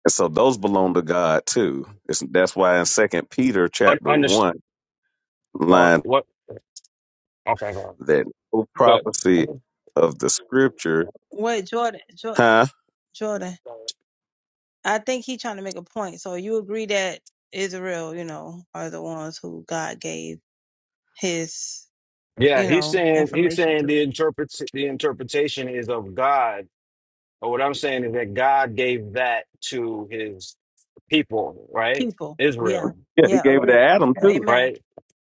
Speaker 6: And so those belong to God too. It's, that's why in Second Peter
Speaker 7: un,
Speaker 6: chapter
Speaker 7: under
Speaker 6: one,
Speaker 7: uh,
Speaker 6: line
Speaker 7: what? Okay, go on.
Speaker 6: that no
Speaker 7: but
Speaker 6: prophecy of the scripture,
Speaker 4: Wait, Jordan, Jordan,
Speaker 6: huh?
Speaker 4: Jordan, I think he trying to make a point. So you agree that Israel, you know, are the ones who God gave his,
Speaker 7: yeah,
Speaker 4: you
Speaker 7: he's
Speaker 4: know,
Speaker 7: saying he's
Speaker 4: information to.
Speaker 7: saying the interpret the interpretation is of God. But what I'm saying is that God gave that to his people, right?
Speaker 4: people. Yeah,
Speaker 7: Israel,
Speaker 6: Yeah, he
Speaker 4: yeah,
Speaker 6: gave it to
Speaker 4: agree.
Speaker 6: Adam too.
Speaker 4: Amen.
Speaker 7: right?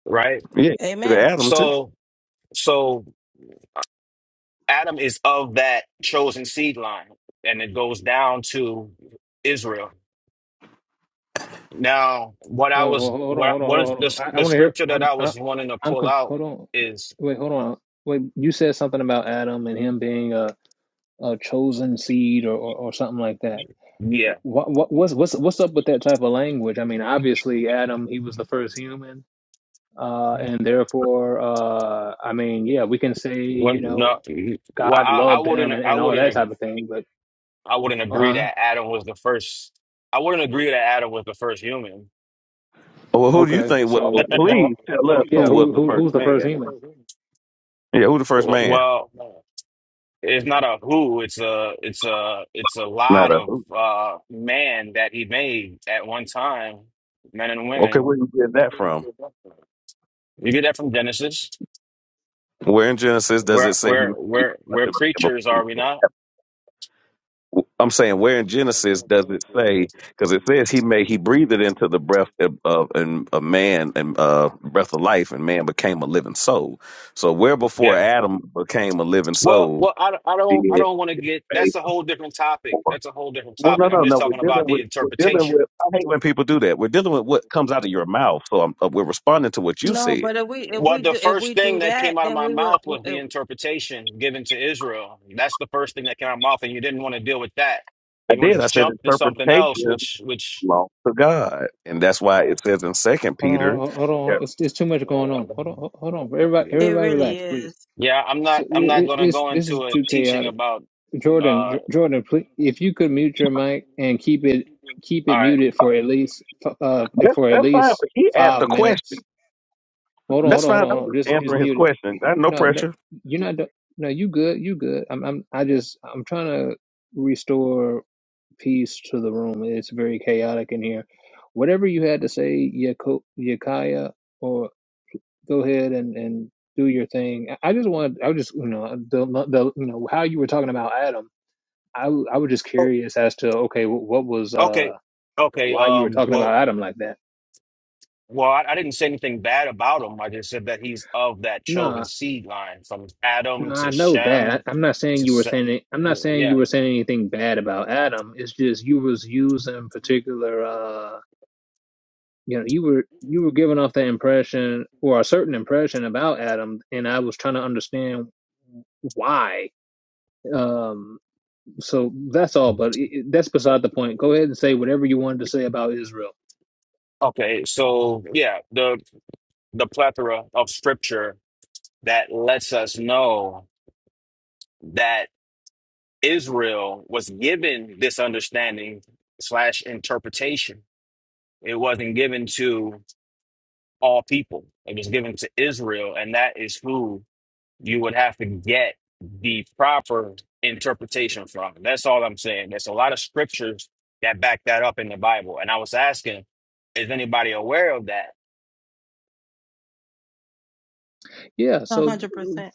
Speaker 7: Right?
Speaker 6: Yeah, he gave it to
Speaker 4: Amen.
Speaker 6: Adam too.
Speaker 7: So so Adam is of that chosen seed line and it goes down to Israel. Now, what I
Speaker 1: Wait,
Speaker 7: was
Speaker 1: hold, hold on,
Speaker 7: what
Speaker 1: hold on,
Speaker 7: what
Speaker 1: hold
Speaker 7: is
Speaker 1: on,
Speaker 7: the
Speaker 1: hold on. I, I
Speaker 7: the
Speaker 1: want to hear.
Speaker 7: scripture that
Speaker 1: I'm,
Speaker 7: I
Speaker 1: I,
Speaker 7: was wanting to
Speaker 1: I'm.
Speaker 7: pull
Speaker 1: conf-
Speaker 7: out
Speaker 1: Hold on.
Speaker 7: is
Speaker 1: Wait, hold on. Wait, you said something about Adam and him being a, a chosen seed or, or, or something like that.
Speaker 7: yeah.
Speaker 1: What, what, what's, what's, what's up with that type of language? I mean, obviously, Adam, he was the first human, uh, and therefore, uh, I mean, yeah, we can say,
Speaker 7: Well,
Speaker 1: you know,
Speaker 7: no, well,
Speaker 1: God
Speaker 7: I, I
Speaker 1: loved
Speaker 7: wouldn't,
Speaker 1: him and,
Speaker 7: I
Speaker 1: and all
Speaker 7: wouldn't,
Speaker 1: that
Speaker 7: ag-
Speaker 1: type of thing. But,
Speaker 7: I wouldn't
Speaker 1: uh
Speaker 7: agree
Speaker 1: huh.
Speaker 7: that Adam was the first. I wouldn't agree that Adam was the first human.
Speaker 6: Well, who do you
Speaker 1: Okay,
Speaker 6: think? Well,
Speaker 1: so,
Speaker 6: well,
Speaker 1: wh-
Speaker 6: please tell us
Speaker 1: wh-
Speaker 6: who
Speaker 1: yeah,
Speaker 6: was
Speaker 1: who,
Speaker 6: the
Speaker 1: who,
Speaker 6: first
Speaker 1: who's the
Speaker 6: man.
Speaker 1: first human?
Speaker 6: Yeah, who the first man? It's
Speaker 7: Well, it's not a who, it's a, it's a, it's a
Speaker 6: not
Speaker 7: lot
Speaker 6: us.
Speaker 7: of uh man that he made at one time, men and
Speaker 6: Okay, where you get that from?
Speaker 7: women. You get that from Genesis.
Speaker 6: Where in Genesis does
Speaker 7: We're
Speaker 6: it say he
Speaker 7: we're
Speaker 6: made a
Speaker 7: we're
Speaker 6: bunch
Speaker 7: we're
Speaker 6: of
Speaker 7: preachers, are we
Speaker 6: people?
Speaker 7: not?
Speaker 6: I'm saying where in Genesis does it say? Because it says he made he breathed it into the breath of, of and a man and uh, breath of life, and man became a living soul. So where before
Speaker 7: Yeah.
Speaker 6: Adam became a living
Speaker 7: Well,
Speaker 6: soul
Speaker 7: well, I, I don't I
Speaker 6: did
Speaker 7: don't want to get.
Speaker 6: faith
Speaker 7: That's a whole different topic.
Speaker 6: before?
Speaker 7: That's a whole different
Speaker 6: Well, no,
Speaker 7: topic. I'm
Speaker 6: no,
Speaker 7: just
Speaker 6: no.
Speaker 7: talking
Speaker 6: We're
Speaker 7: about
Speaker 6: dealing
Speaker 7: the
Speaker 6: with we're dealing with.
Speaker 7: interpretation.
Speaker 6: I hate when people do that. We're dealing with what comes out of your mouth. So I'm, uh, we're responding to what you
Speaker 4: No,
Speaker 6: said.
Speaker 4: but if we if
Speaker 7: Well,
Speaker 4: we
Speaker 7: the
Speaker 4: do if
Speaker 7: first
Speaker 4: we
Speaker 7: thing
Speaker 4: do
Speaker 7: that came
Speaker 4: that,
Speaker 7: out of
Speaker 4: then
Speaker 7: my
Speaker 4: we would.
Speaker 7: mouth
Speaker 4: we-
Speaker 7: was the
Speaker 4: It
Speaker 7: interpretation given to Israel. That's the first thing that came out of my mouth, and you didn't want to deal with that.
Speaker 6: I
Speaker 7: You want to
Speaker 6: did. I said
Speaker 7: jump to something else,
Speaker 6: interpretation
Speaker 7: which which
Speaker 6: belongs to God, and that's why it says in Second
Speaker 1: Hold on, hold on,
Speaker 6: Peter.
Speaker 1: hold on. hold
Speaker 6: Yeah.
Speaker 1: on. It's, it's too much going on. Hold on, hold hold on. Everybody,
Speaker 4: it
Speaker 1: everybody,
Speaker 4: really
Speaker 1: relax, please.
Speaker 4: is
Speaker 7: Yeah, I'm
Speaker 1: So
Speaker 7: not I'm
Speaker 1: it,
Speaker 7: not
Speaker 1: it,
Speaker 7: gonna
Speaker 1: it's
Speaker 7: go
Speaker 1: this
Speaker 7: into
Speaker 1: is
Speaker 7: a
Speaker 1: too
Speaker 7: teaching
Speaker 1: chaotic.
Speaker 7: about
Speaker 1: Jordan,
Speaker 7: uh
Speaker 1: J- Jordan, please, if you could mute your mic and keep it keep
Speaker 7: all
Speaker 1: it
Speaker 7: right.
Speaker 1: muted for at least f- uh
Speaker 6: That's,
Speaker 1: for at
Speaker 6: that's fine.
Speaker 1: least
Speaker 6: But he asked
Speaker 1: five
Speaker 6: a question.
Speaker 1: minutes. Hold on,
Speaker 6: That's
Speaker 1: hold on, hold
Speaker 6: fine.
Speaker 1: on,
Speaker 6: I was
Speaker 1: hold on.
Speaker 6: just
Speaker 1: Just just
Speaker 6: answering his
Speaker 1: mute it.
Speaker 6: question. I no
Speaker 1: No, no,
Speaker 6: pressure.
Speaker 1: you're not. do- No, you good, you good. I'm, I'm, I just, I'm trying to restore peace to the room. It's very chaotic in here. Whatever you had to say, Yako- Yakaya go ahead and and do your thing. I just want I was just you know the the you know how you were talking about Adam. I w- I was just
Speaker 7: Oh,
Speaker 1: curious as to okay wh- what was
Speaker 7: okay.
Speaker 1: uh
Speaker 7: Okay.
Speaker 1: why you were
Speaker 7: Um
Speaker 1: talking about
Speaker 7: well
Speaker 1: Adam like that.
Speaker 7: well I, I didn't say anything bad about him. I just said that he's of that chosen
Speaker 1: No,
Speaker 7: seed line from Adam
Speaker 1: no, I
Speaker 7: to
Speaker 1: know
Speaker 7: Shem
Speaker 1: that. I'm not saying
Speaker 7: to
Speaker 1: you were
Speaker 7: Seth.
Speaker 1: saying it, I'm not saying you
Speaker 7: Yeah.
Speaker 1: were saying anything bad about Adam. It's just you was using particular uh you know you were you were giving off the impression or a certain impression about Adam, and I was trying to understand why. Um. So that's all, but it, it- that's beside the point. Go ahead and say whatever you wanted to say about Israel.
Speaker 7: Okay, so yeah, the the plethora of scripture that lets us know that. Israel was given this understanding slash interpretation. It wasn't given to all people. It was given to Israel, and that is who you would have to get the proper interpretation from. That's all I'm saying. There's a lot of scriptures that back that up in the Bible. And I was asking, is anybody aware of that?
Speaker 1: Yeah.
Speaker 4: a
Speaker 1: So,
Speaker 4: hundred percent.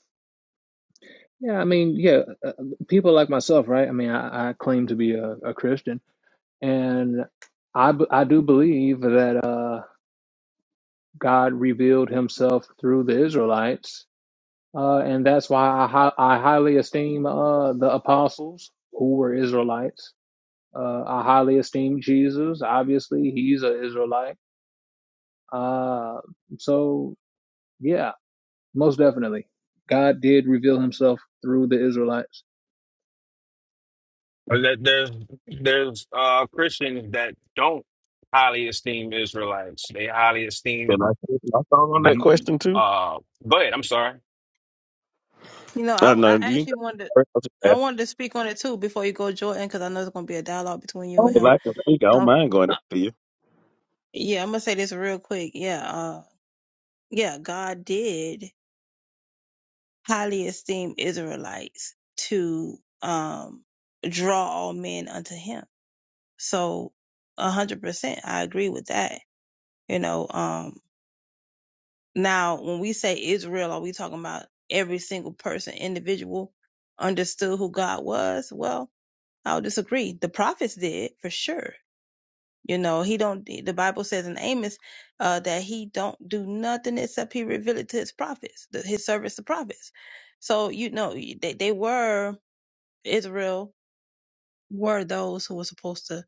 Speaker 1: yeah, I mean, yeah, uh, uh, people like myself, right? I mean, I, I claim to be a, a Christian, and I b- I do believe that uh, God revealed Himself through the Israelites, uh, and that's why I hi- I highly esteem uh, the apostles who were Israelites. Uh, I highly esteem Jesus. Obviously, he's an Israelite. Uh, so. Yeah, Most definitely, God did reveal Himself through the Israelites.
Speaker 7: Or that there's there's uh Christians that don't highly esteem Israelites. They highly
Speaker 6: Can
Speaker 7: esteem
Speaker 6: I say my thought on that
Speaker 7: You-
Speaker 6: question too?
Speaker 7: Uh, go ahead. I'm sorry.
Speaker 4: You know, I
Speaker 6: Uh, no,
Speaker 4: I
Speaker 6: do you?
Speaker 4: actually wanted to-
Speaker 6: I was just
Speaker 4: I wanted to speak on it too before you go, Jordan, because I know there's gonna be a dialogue between you
Speaker 6: asking.
Speaker 4: and
Speaker 6: If
Speaker 4: him.
Speaker 6: I can speak, I don't
Speaker 4: So
Speaker 6: mind going
Speaker 4: uh,
Speaker 6: after you.
Speaker 4: yeah, I'm gonna say this real quick. Yeah, uh, yeah, God did highly esteem Israelites to um draw all men unto Him. So a hundred percent, I agree with that You know, um, now when we say Israel, are we talking about every single person, individual, understood who God was? Well, I'll disagree. The prophets did for sure. You know, he don't. The Bible says in Amos uh, that he don't do nothing except he reveal it to his prophets, the, his service to prophets. So you know, they they were Israel were those who were supposed to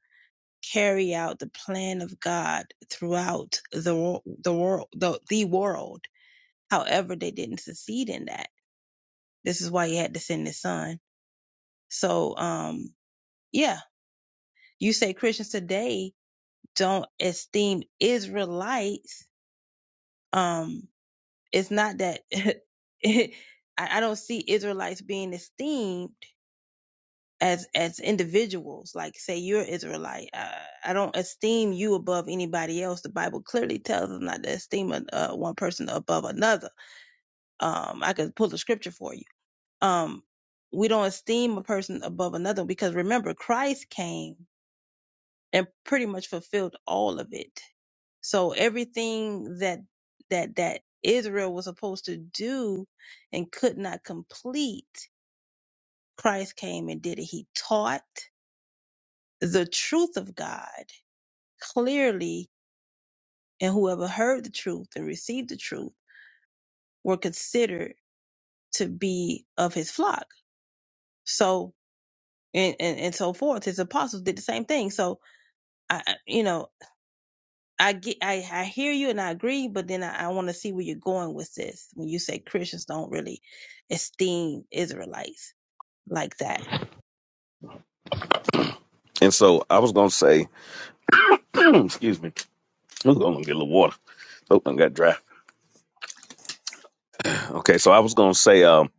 Speaker 4: carry out the plan of God throughout the wor- the world the, the world However, they didn't succeed in that. This is why he had to send his son. So, um, yeah, you say Christians today don't esteem Israelites. Um, it's not that I, I don't see Israelites being esteemed as as individuals. Like, say you're Israelite, uh, I don't esteem you above anybody else. The Bible clearly tells us not to esteem uh, one person above another. Um, I could pull the scripture for you um we don't esteem a person above another because remember christ came and pretty much fulfilled all of it so everything that that that israel was supposed to do and could not complete christ came and did it he taught the truth of god clearly and whoever heard the truth and received the truth were considered to be of his flock so and and, and so forth his apostles did the same thing so I, I- you know, I get, I, I hear you and I agree, but then I, I want to see where you're going with this when you say Christians don't really esteem Israelites like that.
Speaker 6: And so I was gonna say, excuse me. I'm gonna get a little water. Oh, I got dry. Okay, so I was gonna say, um,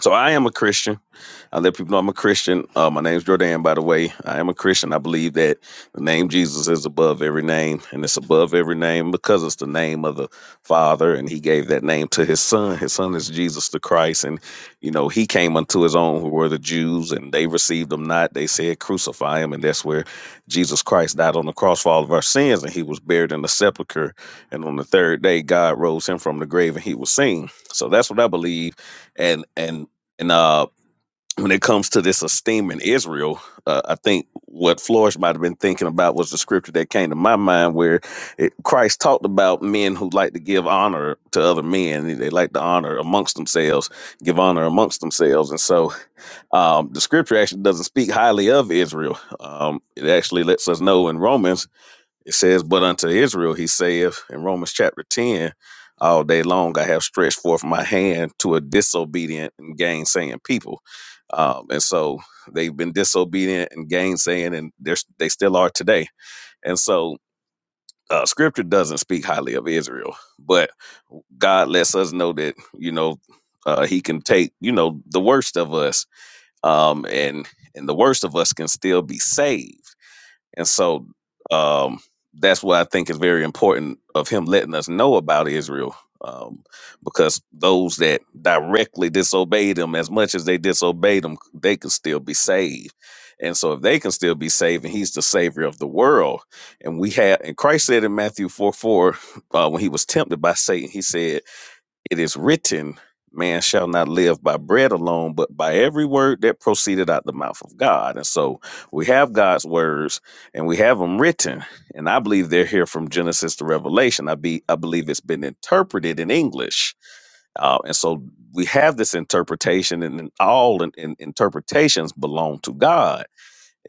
Speaker 6: so I am a Christian. I let people know I'm a Christian. Uh, my name's Jordan, by the way. I am a Christian. I believe that the name Jesus is above every name, and it's above every name because it's the name of the Father, and He gave that name to His Son. His Son is Jesus the Christ, and you know He came unto His own, who were the Jews, and they received Him not. They said, "Crucify Him," and that's where Jesus Christ died on the cross for all of our sins, and He was buried in the sepulcher. And on the third day, God rose Him from the grave, and He was seen. So that's what I believe, and and. And uh, when it comes to this esteem in Israel, uh, I think what Flores might have been thinking about was the scripture that came to my mind where it, Christ talked about men who like to give honor to other men. They like to honor amongst themselves, give honor amongst themselves. And so um, the scripture actually doesn't speak highly of Israel. Um, it actually lets us know in Romans, it says, But unto Israel he saith in Romans chapter 10, all day long I have stretched forth my hand to a disobedient and gainsaying people um, and so they've been disobedient and gainsaying, and they're, they still are today. And so uh, Scripture doesn't speak highly of Israel, but God lets us know that you know uh, He can take you know the worst of us, um, and and the worst of us can still be saved and so um, that's what I think is very important of him letting us know about Israel. Um, because those that directly disobeyed him, as much as they disobeyed him, they could still be saved. And so if they can still be saved, and he's the savior of the world, and we have and Christ said in Matthew 4 4, uh, when he was tempted by Satan, he said, it is written, Man shall not live by bread alone, but by every word that proceeded out the mouth of God. And so we have God's words and we have them written. And I believe they're here from Genesis to Revelation. I, be, I believe it's been interpreted in English. Uh, and so we have this interpretation, and then all in, in- interpretations belong to God.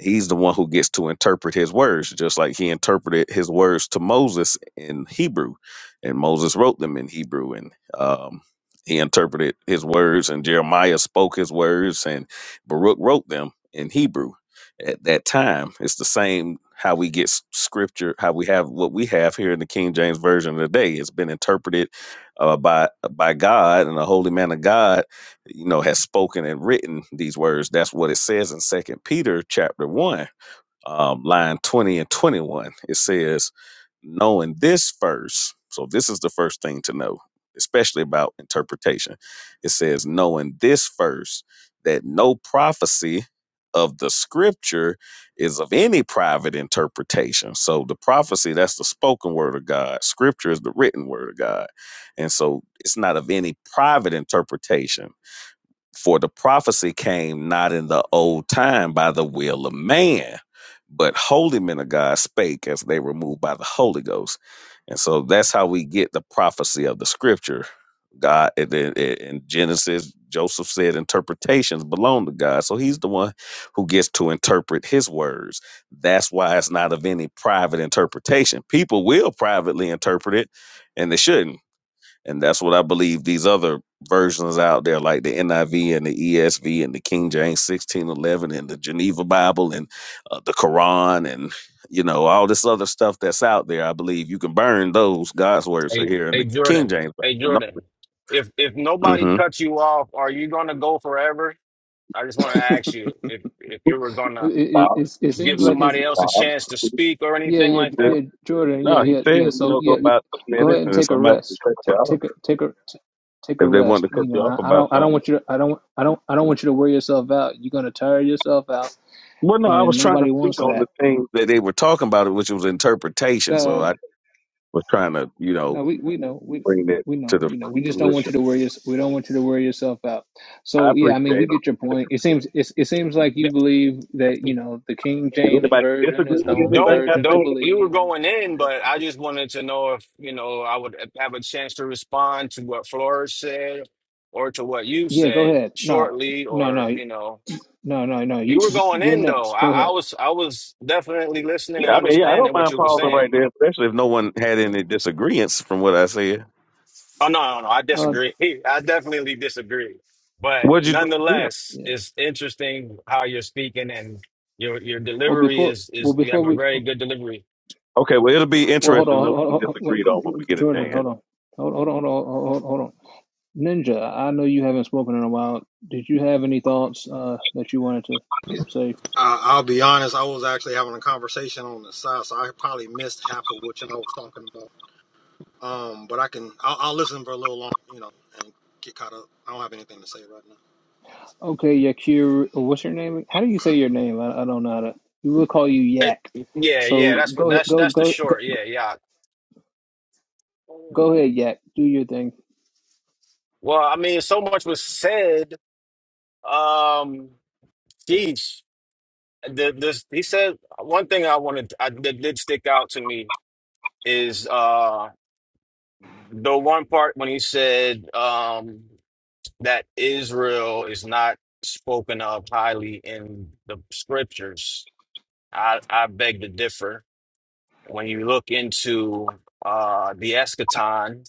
Speaker 6: He's the one who gets to interpret his words, just like he interpreted his words to Moses in Hebrew, and Moses wrote them in Hebrew, and um, he interpreted his words, and Jeremiah spoke his words, and Baruch wrote them in Hebrew at that time. It's the same how we get s- scripture, how we have what we have here in the King James version of the day. It's been interpreted uh, by by God and a holy man of God you know has spoken and written these words that's what it says in second peter chapter 1 um, line 20 and 21 it says knowing this first so this is the first thing to know especially about interpretation it says knowing this first that no prophecy of the scripture is of any private interpretation so the prophecy that's the spoken word of god scripture is the written word of god and so it's not of any private interpretation for the prophecy came not in the old time by the will of man, but holy men of God spake as they were moved by the Holy Ghost. And so that's how we get the prophecy of the scripture. God in in- in Genesis, Joseph said interpretations belong to God. So he's the one who gets to interpret his words. That's why it's not of any private interpretation. People will privately interpret it and they shouldn't and that's what I believe these other versions out there, like the NIV and the ESV and the King James 1611 and the Geneva Bible and uh, the Quran and, you know, all this other stuff that's out there. I believe you can burn those. God's words are
Speaker 7: Hey,
Speaker 6: here in
Speaker 7: hey,
Speaker 6: the King
Speaker 7: Jordan.
Speaker 6: James.
Speaker 7: Hey,
Speaker 6: Bible.
Speaker 7: Jordan. If if nobody
Speaker 6: Mm-hmm.
Speaker 7: cuts you off, are you gonna go forever? I just want to ask you if if you were
Speaker 1: It,
Speaker 7: gonna
Speaker 1: it,
Speaker 6: Wow.
Speaker 1: it, it
Speaker 7: give
Speaker 1: seems
Speaker 6: Mm,
Speaker 1: like his
Speaker 7: somebody else a
Speaker 6: wow.
Speaker 7: chance to speak or
Speaker 1: yeah,
Speaker 7: anything
Speaker 1: yeah,
Speaker 7: like that.
Speaker 1: yeah. Jordan, yeah,
Speaker 6: No, he
Speaker 1: yeah,
Speaker 6: said,
Speaker 1: yeah.
Speaker 6: you
Speaker 1: So
Speaker 6: know, go
Speaker 1: yeah, yeah.
Speaker 6: about two
Speaker 1: go ahead
Speaker 6: minutes
Speaker 1: and
Speaker 6: and
Speaker 1: take a
Speaker 6: somebody can
Speaker 1: rest.
Speaker 6: cut you
Speaker 1: Take
Speaker 6: off
Speaker 1: take a take a t- take a
Speaker 6: if they want
Speaker 1: rest.
Speaker 6: to cut
Speaker 1: You know,
Speaker 6: you off
Speaker 1: I, I
Speaker 6: about
Speaker 1: don't I don't
Speaker 6: something.
Speaker 1: want you to I don't I don't I don't want you to wear yourself out. You're gonna tire yourself out,
Speaker 6: Well, no, I
Speaker 1: and
Speaker 6: was trying to
Speaker 1: nobody
Speaker 6: speak
Speaker 1: wants
Speaker 6: on the
Speaker 1: that.
Speaker 6: things that they were talking about, which was interpretation.
Speaker 1: Uh,
Speaker 6: So I was trying to, you know,
Speaker 1: No, we, we know we
Speaker 6: bring it
Speaker 1: we
Speaker 6: to
Speaker 1: know
Speaker 6: the
Speaker 1: we know. We just don't want
Speaker 6: fruition.
Speaker 1: you to wear your we don't want you to wear yourself out.
Speaker 6: I
Speaker 1: So yeah, I mean,
Speaker 6: appreciate
Speaker 1: we get your
Speaker 6: it.
Speaker 1: point. It seems it, it seems like you believe that you know the King
Speaker 6: If
Speaker 7: Yeah.
Speaker 1: James
Speaker 6: anybody
Speaker 1: version is
Speaker 6: disagree
Speaker 1: the
Speaker 6: with
Speaker 1: only
Speaker 6: anything
Speaker 7: Don't
Speaker 6: I
Speaker 1: version
Speaker 6: said,
Speaker 1: to
Speaker 7: don't you were
Speaker 1: believe and,
Speaker 7: going
Speaker 1: and, and
Speaker 7: in,
Speaker 1: that
Speaker 7: but
Speaker 1: type of
Speaker 7: I
Speaker 1: thing.
Speaker 7: just wanted to know if you know I would have a chance to respond to what Flores said or to what you
Speaker 1: Yeah, go
Speaker 7: said
Speaker 1: ahead. No,
Speaker 7: shortly,
Speaker 1: no,
Speaker 7: or
Speaker 1: no,
Speaker 7: you know
Speaker 1: no, no, no. You
Speaker 7: you were going
Speaker 1: you're
Speaker 7: in though.
Speaker 1: next. Go
Speaker 7: I, I
Speaker 1: ahead.
Speaker 7: was I was definitely listening
Speaker 6: yeah,
Speaker 7: and
Speaker 6: I mean, yeah, I don't
Speaker 7: understanding what
Speaker 6: mind
Speaker 7: you were
Speaker 6: pausing
Speaker 7: saying.
Speaker 6: right there, especially if no one had any disagreements from what I said.
Speaker 7: Oh no no no, I
Speaker 1: Uh,
Speaker 7: disagree. I definitely disagree. But
Speaker 6: What'd you disagree on?
Speaker 7: nonetheless,
Speaker 1: yeah.
Speaker 7: it's interesting how you're speaking and your your
Speaker 1: Well,
Speaker 7: delivery
Speaker 1: before
Speaker 7: is
Speaker 1: well
Speaker 7: is you have
Speaker 1: before
Speaker 7: a
Speaker 1: we
Speaker 7: very good delivery.
Speaker 6: Okay, well, it'll be
Speaker 1: well hold
Speaker 6: interesting to
Speaker 1: on,
Speaker 6: know
Speaker 1: hold on,
Speaker 6: what you
Speaker 1: hold on, hold
Speaker 6: disagreed on when
Speaker 1: on.
Speaker 6: we get a
Speaker 1: Jordan,
Speaker 6: chance.
Speaker 1: hold on, hold hold on, hold on, hold on. hold on. Ninja, I know you haven't spoken in a while. Did you have any thoughts uh, that you wanted to say?
Speaker 2: I'll be honest, I was actually having a conversation on the side, so I probably missed half of what y'all was talking about. Um, but I can I'll, I'll listen for a little long, you know, and get caught up. I don't have anything to say right now.
Speaker 1: Okay, Yakir, what's your name? How do you say your name? I, I don't know how to. We will call you
Speaker 7: It-
Speaker 1: Yak.
Speaker 7: yeah,
Speaker 1: So
Speaker 7: yeah, that's what
Speaker 1: go ahead,
Speaker 7: that's
Speaker 1: go
Speaker 7: that's the
Speaker 1: go go
Speaker 7: short. Yeah, yeah.
Speaker 1: go ahead, Yak. Do your thing.
Speaker 7: Well, I mean, so much was said. Um, geez, the, this he said one thing I wanted I, that did stick out to me is uh the one part when he said um that Israel is not spoken of highly in the scriptures. I I beg to differ. When you look into uh the eschaton,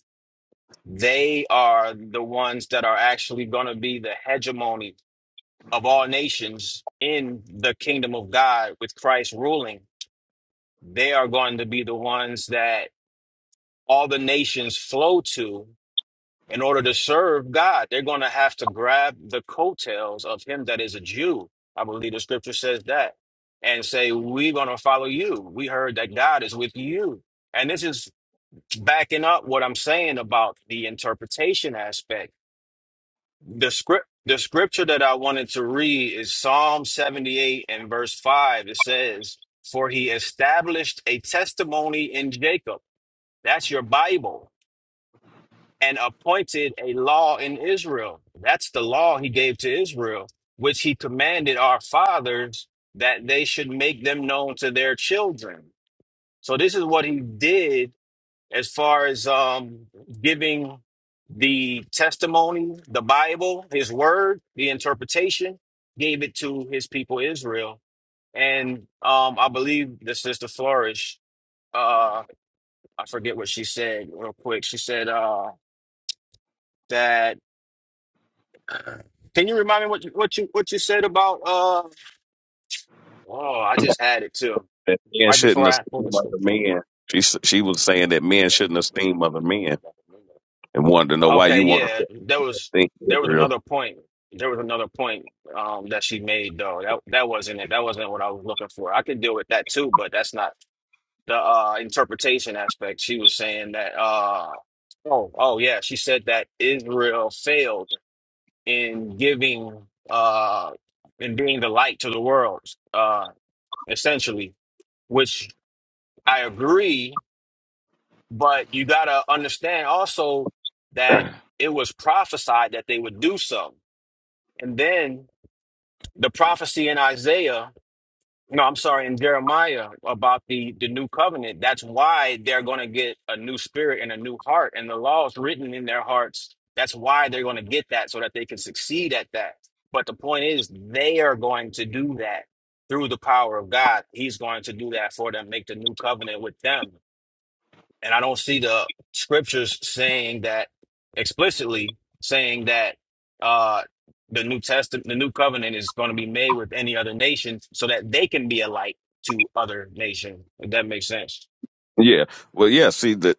Speaker 7: They are the ones that are actually going to be the hegemony of all nations in the kingdom of God with Christ ruling. They are going to be the ones that all the nations flow to in order to serve God. They're going to have to grab the coattails of him that is a Jew. I believe the scripture says that and say, We're going to follow you. We heard that God is with you. And this is backing up what I'm saying about the interpretation aspect The script the scripture that I wanted to read is Psalm 78 and verse 5. It says, For he established a testimony in Jacob. That's your Bible. And appointed a law in Israel. That's the law he gave to Israel, which he commanded our fathers that they should make them known to their children. So this is what he did as far as um, giving the testimony, the Bible, his word, the interpretation, gave it to his people Israel. And um, I believe the sister Flourish, uh, I forget what she said real quick. She said uh, that. Can you remind me what you, what you what you said about? Uh, oh, I just had it too,
Speaker 6: That men
Speaker 7: right
Speaker 6: shouldn't
Speaker 7: before I pulled the
Speaker 6: esteem other
Speaker 7: scripture.
Speaker 6: men. She s- she was saying that men shouldn't esteem other men, and wanted to know why
Speaker 7: Okay,
Speaker 6: you wanted
Speaker 7: yeah,
Speaker 6: to
Speaker 7: there was
Speaker 6: think
Speaker 7: there was
Speaker 6: Israel.
Speaker 7: another point. There was another point um that she made though. That that wasn't it. That wasn't what I was looking for. I could deal with that too, but that's not the uh interpretation aspect. She was saying that uh oh oh yeah, she said that Israel failed in giving uh in being the light to the world uh essentially, which I agree, but you gotta understand also that it was prophesied that they would do so And then the prophecy in Isaiah, no, I'm sorry, in Jeremiah about the, the new covenant, that's why they're going to get a new spirit and a new heart. And the law is written in their hearts. That's why they're going to get that so that they can succeed at that. But the point is, they are going to do that through the power of God. He's going to do that for them, make the new covenant with them and I don't see the scriptures saying that explicitly saying that uh the New Testament, the New Covenant is going to be made with any other nation so that they can be a light to other nations. If that makes sense.
Speaker 6: Yeah. Well, yeah. See, the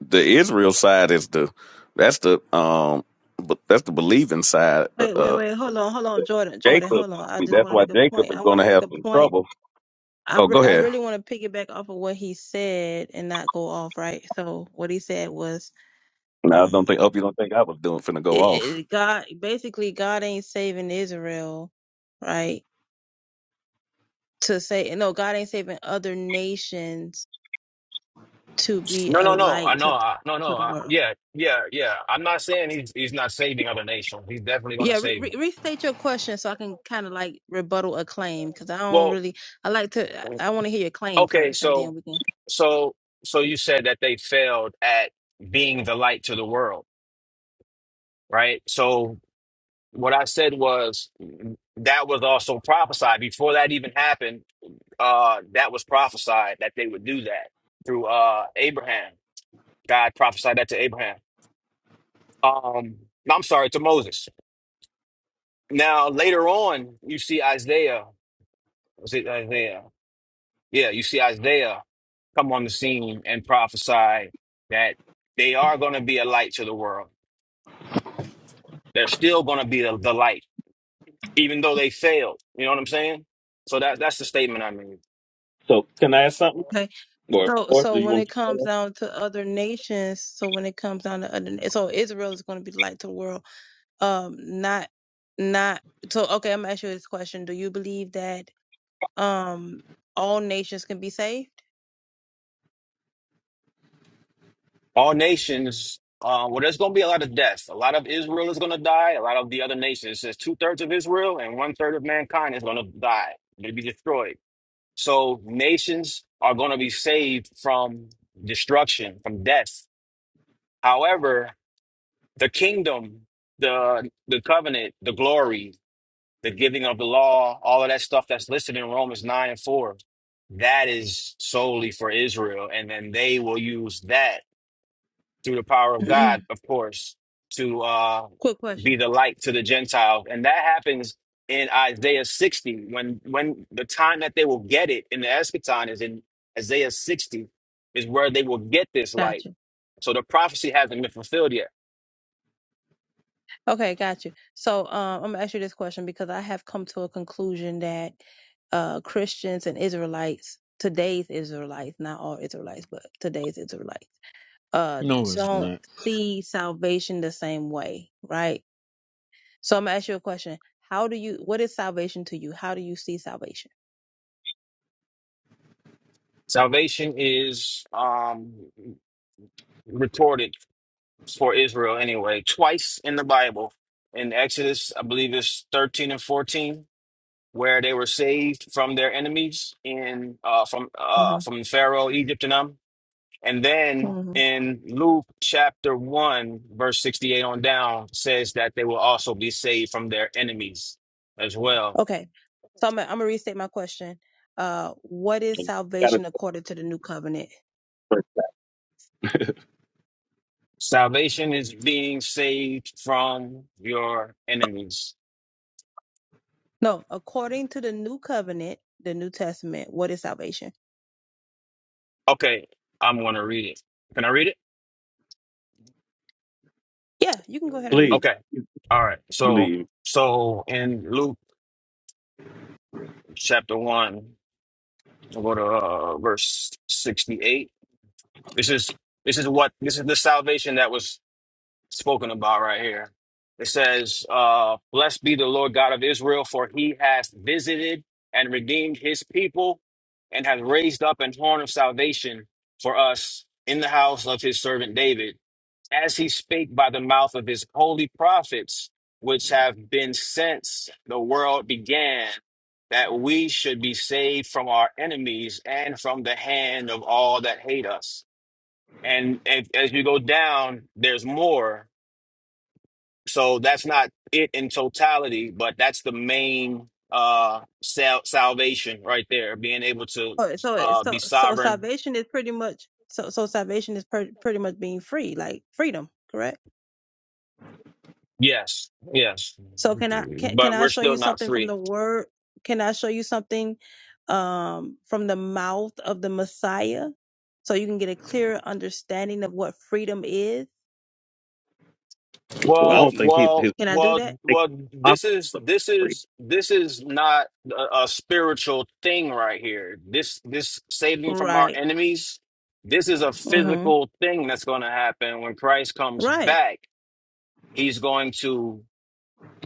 Speaker 6: the Israel side is the that's the um but that's the believing side. Uh,
Speaker 4: Wait, wait,
Speaker 6: uh
Speaker 4: wait. Hold on, hold on, Jordan, Jordan,
Speaker 6: Jacob.
Speaker 4: hold on. I
Speaker 6: See,
Speaker 4: just
Speaker 6: that's
Speaker 4: want to
Speaker 6: why
Speaker 4: make a
Speaker 6: Jacob
Speaker 4: point.
Speaker 6: is
Speaker 4: I want
Speaker 6: going to
Speaker 4: to make
Speaker 6: have
Speaker 4: a
Speaker 6: some
Speaker 4: point.
Speaker 6: trouble.
Speaker 4: I,
Speaker 6: Oh,
Speaker 4: re-
Speaker 6: go
Speaker 4: I
Speaker 6: ahead.
Speaker 4: really want to piggyback off of what he said and not go off, right? So what he said was,
Speaker 6: Now, I
Speaker 4: um,
Speaker 6: don't think. Hope you don't think I was doing finna go
Speaker 4: it,
Speaker 6: off.
Speaker 4: it, God, basically, God ain't saving Israel, right? To say, no, God ain't saving other nations to be
Speaker 7: No,
Speaker 4: a
Speaker 7: no, no. I
Speaker 4: light
Speaker 7: know.
Speaker 4: to
Speaker 7: I, no, no.
Speaker 4: to the
Speaker 7: I,
Speaker 4: world.
Speaker 7: yeah, yeah, yeah. I'm not saying he's he's not saving other nations. He's definitely going to
Speaker 4: Yeah, re-
Speaker 7: save
Speaker 4: re-
Speaker 7: them.
Speaker 4: restate your question so I can kind of like rebuttal a claim because I don't
Speaker 7: Well,
Speaker 4: really. I like to. I I want to hear your claim
Speaker 7: okay.
Speaker 4: first, and
Speaker 7: So,
Speaker 4: then we can.
Speaker 7: so, so you said that they failed at being the light to the world, right? So What I said was that was also prophesied before that even happened. Uh, that was prophesied that they would do that through uh Abraham. God prophesied that to Abraham. Um, I'm sorry, to Moses. Now later on, you see Isaiah. Was it Isaiah? Yeah, you see Isaiah come on the scene and prophesy that they are going to be a light to the world. They're still going to be the the light, even though they failed. You know what I'm saying? So that that's the statement I made.
Speaker 6: So, can I ask something,
Speaker 4: Okay.
Speaker 6: or
Speaker 4: So,
Speaker 6: or
Speaker 4: so
Speaker 6: do you
Speaker 4: when it
Speaker 6: want
Speaker 4: comes
Speaker 6: to?
Speaker 4: down to other nations, so when it comes down to other, so Israel is going to be the light to the world. Um, not, not. So, okay, I'm gonna ask you this question: Do you believe that um all nations can be saved?
Speaker 7: all nations. Uh, well, there's going to be a lot of deaths. A lot of Israel is going to die. A lot of the other nations. It says two thirds of Israel and one third of mankind is going to die. They'll be destroyed. So nations are going to be saved from destruction, from death. However, the kingdom, the the covenant, the glory, the giving of the law, all of that stuff that's listed in Romans nine and four, that is solely for Israel, and then they will use that through the power of God, of course, to uh,
Speaker 4: Quick
Speaker 7: be
Speaker 4: question.
Speaker 7: the light to the Gentiles. And that happens in Isaiah 60, when when the time that they will get it in the eschaton is in Isaiah 60, is where they will get this light.
Speaker 4: Gotcha.
Speaker 7: So the prophecy hasn't been fulfilled yet.
Speaker 4: Okay, got you. So um, I'm gonna ask you this question because I have come to a conclusion that uh, Christians and Israelites, today's Israelites, not all Israelites, but today's Israelites, uh,
Speaker 8: No, it's
Speaker 4: don't
Speaker 8: not.
Speaker 4: see salvation the same way, right? So I'm gonna ask you a question. How do you what is salvation to you? How do you see salvation?
Speaker 7: Salvation is um, recorded for Israel anyway, twice in the Bible. In Exodus, I believe it's 13 and 14 where they were saved from their enemies in uh, from
Speaker 4: hmm
Speaker 7: uh, from Pharaoh, Egypt, and them. And then
Speaker 4: hmm
Speaker 7: in Luke chapter one, verse sixty-eight on down, says that they will also be saved from their enemies as well.
Speaker 4: Okay. So I'm gonna, I'm gonna restate my question. Uh, what is
Speaker 6: And Got to
Speaker 4: salvation according to the new covenant?
Speaker 7: Salvation is being saved from your enemies.
Speaker 4: No, according to the new covenant, the New Testament, what is salvation?
Speaker 7: Okay, I'm gonna read it. Can I read it?
Speaker 4: Yeah, you can go ahead and read it.
Speaker 6: please
Speaker 7: Okay. All right. So
Speaker 6: believe.
Speaker 7: so in Luke chapter one, we'll go to uh, verse sixty-eight. This is this is what this is the salvation that was spoken about right here. It says, uh, "Blessed be the Lord God of Israel, for He has visited and redeemed His people, and has raised up an horn of salvation for us in the house of His servant David, as He spake by the mouth of His holy prophets, which have been since the world began." That we should be saved from our enemies and from the hand of all that hate us and if, as you go down there's more so that's not it in totality but that's the main uh sal- salvation right there being able to
Speaker 4: Oh, so it-
Speaker 7: uh be
Speaker 4: so so
Speaker 7: sovereign
Speaker 4: salvation is pretty much so so salvation is per, pretty much being free, like freedom, correct?
Speaker 7: yes yes
Speaker 4: So can I can can
Speaker 7: but
Speaker 4: I
Speaker 7: we're
Speaker 4: show
Speaker 7: still
Speaker 4: you
Speaker 7: not
Speaker 4: something from
Speaker 7: free
Speaker 4: the word? Can I show you something um from the mouth of the Messiah so you can get a clearer understanding of what freedom is?
Speaker 6: Well, I
Speaker 4: You,
Speaker 7: well
Speaker 6: don't
Speaker 4: you
Speaker 6: think he
Speaker 7: well
Speaker 6: his
Speaker 4: can I do
Speaker 7: well
Speaker 4: that?
Speaker 7: well
Speaker 6: a
Speaker 7: this is this is this is not a, a spiritual thing right here this this saving from our
Speaker 4: Right.
Speaker 7: enemies this is a
Speaker 4: Mhm.
Speaker 7: physical thing that's going to happen when Christ comes
Speaker 4: Right.
Speaker 7: back He's going to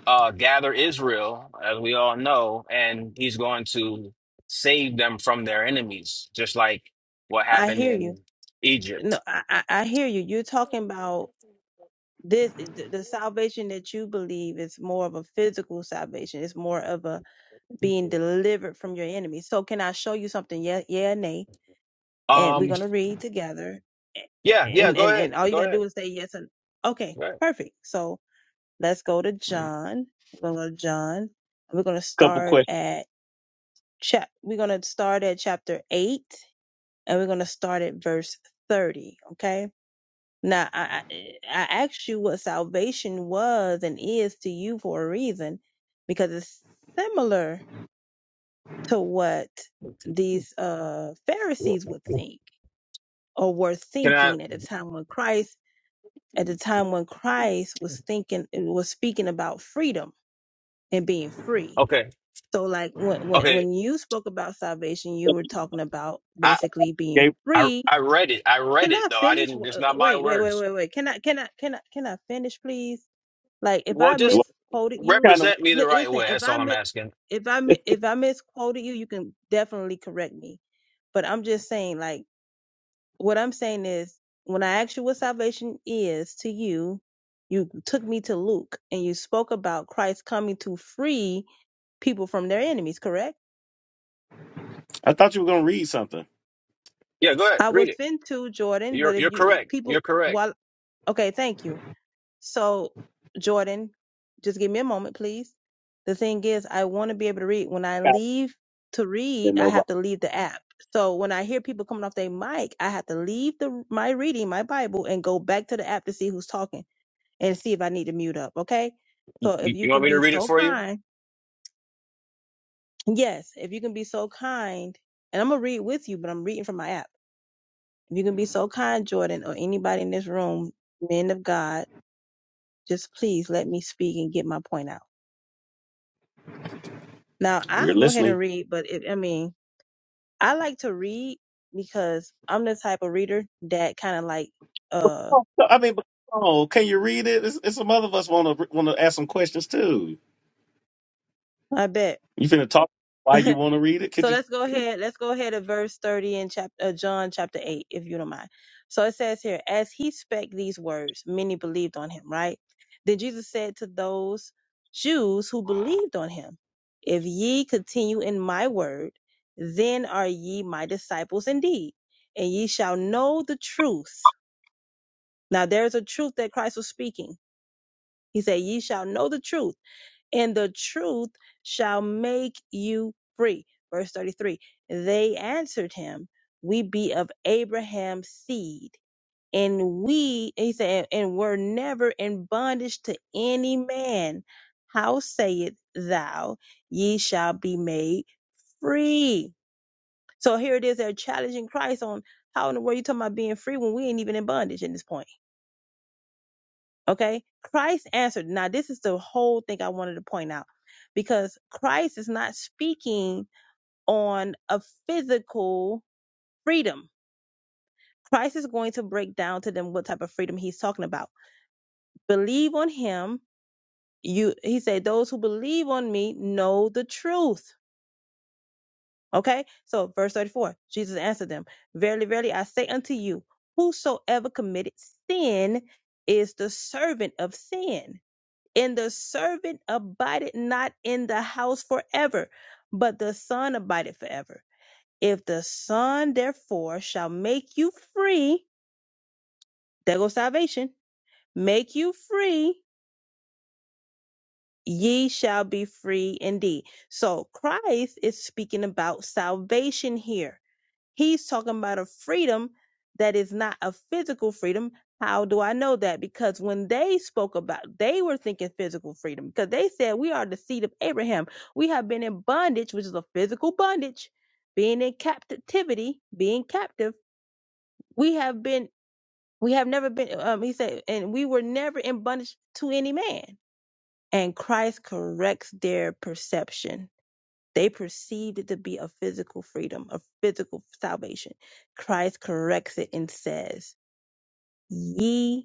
Speaker 7: uh, gather Israel, as we all know, and he's going to save them from their enemies, just like what
Speaker 4: I
Speaker 7: happened
Speaker 4: hear you.
Speaker 7: in
Speaker 4: No,
Speaker 7: Egypt.
Speaker 4: I I I hear you. You're talking about this th- the salvation that you believe is more of a physical salvation it's more of a being delivered from your enemy so can i show you something yeah yeah nay and we're
Speaker 7: Um,
Speaker 4: going to read together A-
Speaker 7: yeah, yeah,
Speaker 4: and
Speaker 7: go
Speaker 4: and
Speaker 7: ahead.
Speaker 4: and all you got
Speaker 7: Go
Speaker 4: to
Speaker 7: ahead.
Speaker 4: do is say yes and okay
Speaker 7: Go ahead.
Speaker 4: perfect so let's go to john we're going to john and we're going to
Speaker 6: couple
Speaker 4: start
Speaker 6: questions.
Speaker 4: at chap we're going to start at chapter 8 and we're going to start at verse 30 okay now, I, I I asked you what salvation was and is to you for a reason, because it's similar to what these uh,
Speaker 7: Well,
Speaker 4: Pharisees would think or were
Speaker 7: Can I?
Speaker 4: thinking at the time when Christ, at the time when Christ was thinking, was speaking about freedom and being free.
Speaker 7: Okay.
Speaker 4: So, like when when
Speaker 7: Okay.
Speaker 4: when you spoke about salvation, you were talking about
Speaker 7: I,
Speaker 4: basically being
Speaker 6: Gabe,
Speaker 7: I,
Speaker 4: free.
Speaker 7: I read it. I read
Speaker 4: Can
Speaker 7: it
Speaker 4: I
Speaker 7: though. I
Speaker 4: finish?
Speaker 7: didn't, it's not my
Speaker 4: Wait, wait, wait,
Speaker 7: words.
Speaker 4: wait, wait. Can I can I can I can I finish, please? Like if
Speaker 7: Well,
Speaker 4: I
Speaker 7: just
Speaker 4: misquoted you,
Speaker 7: represent me the
Speaker 4: li-
Speaker 7: right
Speaker 4: listen,
Speaker 7: way.
Speaker 4: if
Speaker 7: That's
Speaker 4: I
Speaker 7: all I'm
Speaker 4: mi-
Speaker 7: asking.
Speaker 4: if I mi- if I misquoted you, you can definitely correct me. But I'm just saying, like what I'm saying is, when I asked you what salvation is to you, you took me to Luke and you spoke about Christ coming to free people from their enemies. Correct?
Speaker 6: I thought you were going to read something.
Speaker 7: Yeah, go ahead.
Speaker 4: I
Speaker 7: Read
Speaker 4: was
Speaker 7: it.
Speaker 4: fin to Jordan,
Speaker 7: You're,
Speaker 4: but if
Speaker 7: you're
Speaker 4: you
Speaker 7: correct. You're
Speaker 4: people
Speaker 7: correct.
Speaker 4: while okay, thank you. So, Jordan, just give me a moment, please. The thing is, I want to be able to read. When I leave to
Speaker 6: Didn't
Speaker 4: read, I
Speaker 6: know
Speaker 4: have to leave the app. So when I hear people coming off their mic, I have to leave the my reading, my Bible, and go back to the app to see who's talking and see if I need to mute up. Okay. So
Speaker 7: You,
Speaker 4: if
Speaker 7: you
Speaker 4: you
Speaker 7: want
Speaker 4: can
Speaker 7: me to
Speaker 4: be
Speaker 7: read it
Speaker 4: so
Speaker 7: for you?
Speaker 4: kind, yes, if you can be so kind, and I'm gonna read with you, but I'm reading from my app. If you can be so kind, Jordan, or anybody in this room, men of God, just please let me speak and get my point out. Now
Speaker 6: We're
Speaker 4: I'll go ahead
Speaker 6: listening.
Speaker 4: and read, but it, I mean, I like to read because I'm the type of reader that kind of like, uh,
Speaker 6: Oh, I mean, but oh, can you read it? It's, it's some other of us want to want to ask some questions too.
Speaker 4: I bet.
Speaker 6: You finna talk why you want to read it? Could
Speaker 4: So
Speaker 6: you? just
Speaker 4: let's go
Speaker 6: Read it?
Speaker 4: ahead. Let's go ahead to verse 30 in chapter uh, John chapter 8, if you don't mind. So it says here, as he spake these words, many believed on him, right? Then Jesus said to those Jews who believed on him, if ye continue in my word, then are ye my disciples indeed, and ye shall know the truth, Now there's a truth that Christ was speaking. He said, Ye shall know the truth, and the truth shall make you free. Verse 33 They answered him, We be of Abraham's seed, and we, he said, and were never in bondage to any man. How sayest thou, Ye shall be made free? So here it is, they're challenging Christ on how in the world you talking about being free when we ain't even in bondage at this point Okay. Christ answered. Now, this is the whole thing I wanted to point out because Christ is not speaking on a physical freedom. Christ is going to break down to them what type of freedom he's talking about. Believe on him. You, he said, those who believe on me know the truth. Okay. So verse 34, Jesus answered them, verily, verily, I say unto you, whosoever committed sin is the servant of sin. And the servant abideth not in the house forever, but the Son abideth forever. If the Son therefore shall make you free, there goes salvation, make you free, ye shall be free indeed. So Christ is speaking about salvation here He's talking about a freedom that is not a physical freedom. How do I know that? Because when they spoke about, they were thinking physical freedom because they said we are the seed of Abraham. We have been in bondage, which is a physical bondage, being in captivity, being captive. We have been, we have never been, um, he said, and we were never in bondage to any man. And Christ corrects their perception they perceived it to be a physical freedom, a physical salvation. Christ corrects it and says, Ye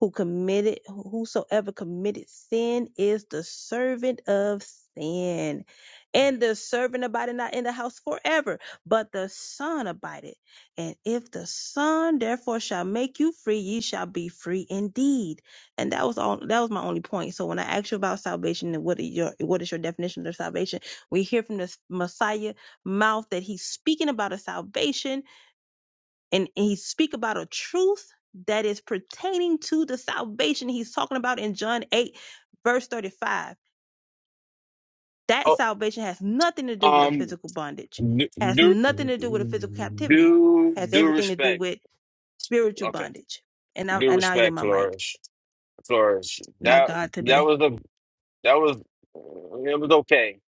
Speaker 4: who committed whosoever committed sin is the servant of sin and the servant abided not in the house forever but the son abided and if the son therefore shall make you free ye shall be free indeed and that was all that was my only point so when i asked you about salvation and what is your what is your definition of salvation we hear from the messiah mouth that he's speaking about a salvation and he speak about a truth that is pertaining to the salvation he's talking about in John 8 verse 35 that
Speaker 7: Oh,
Speaker 4: salvation has nothing to do with a
Speaker 7: um,
Speaker 4: physical bondage
Speaker 7: Do,
Speaker 4: has
Speaker 7: do,
Speaker 4: nothing to do with a physical captivity
Speaker 7: do,
Speaker 4: has
Speaker 7: do
Speaker 4: everything to do
Speaker 7: respect.
Speaker 4: with spiritual
Speaker 7: Okay.
Speaker 4: bondage and I
Speaker 7: Do
Speaker 4: and now you're
Speaker 7: respect,
Speaker 4: my mic
Speaker 7: Flores. Flores.
Speaker 4: my
Speaker 7: That
Speaker 4: god
Speaker 7: that
Speaker 4: today
Speaker 7: was the that was it was okay.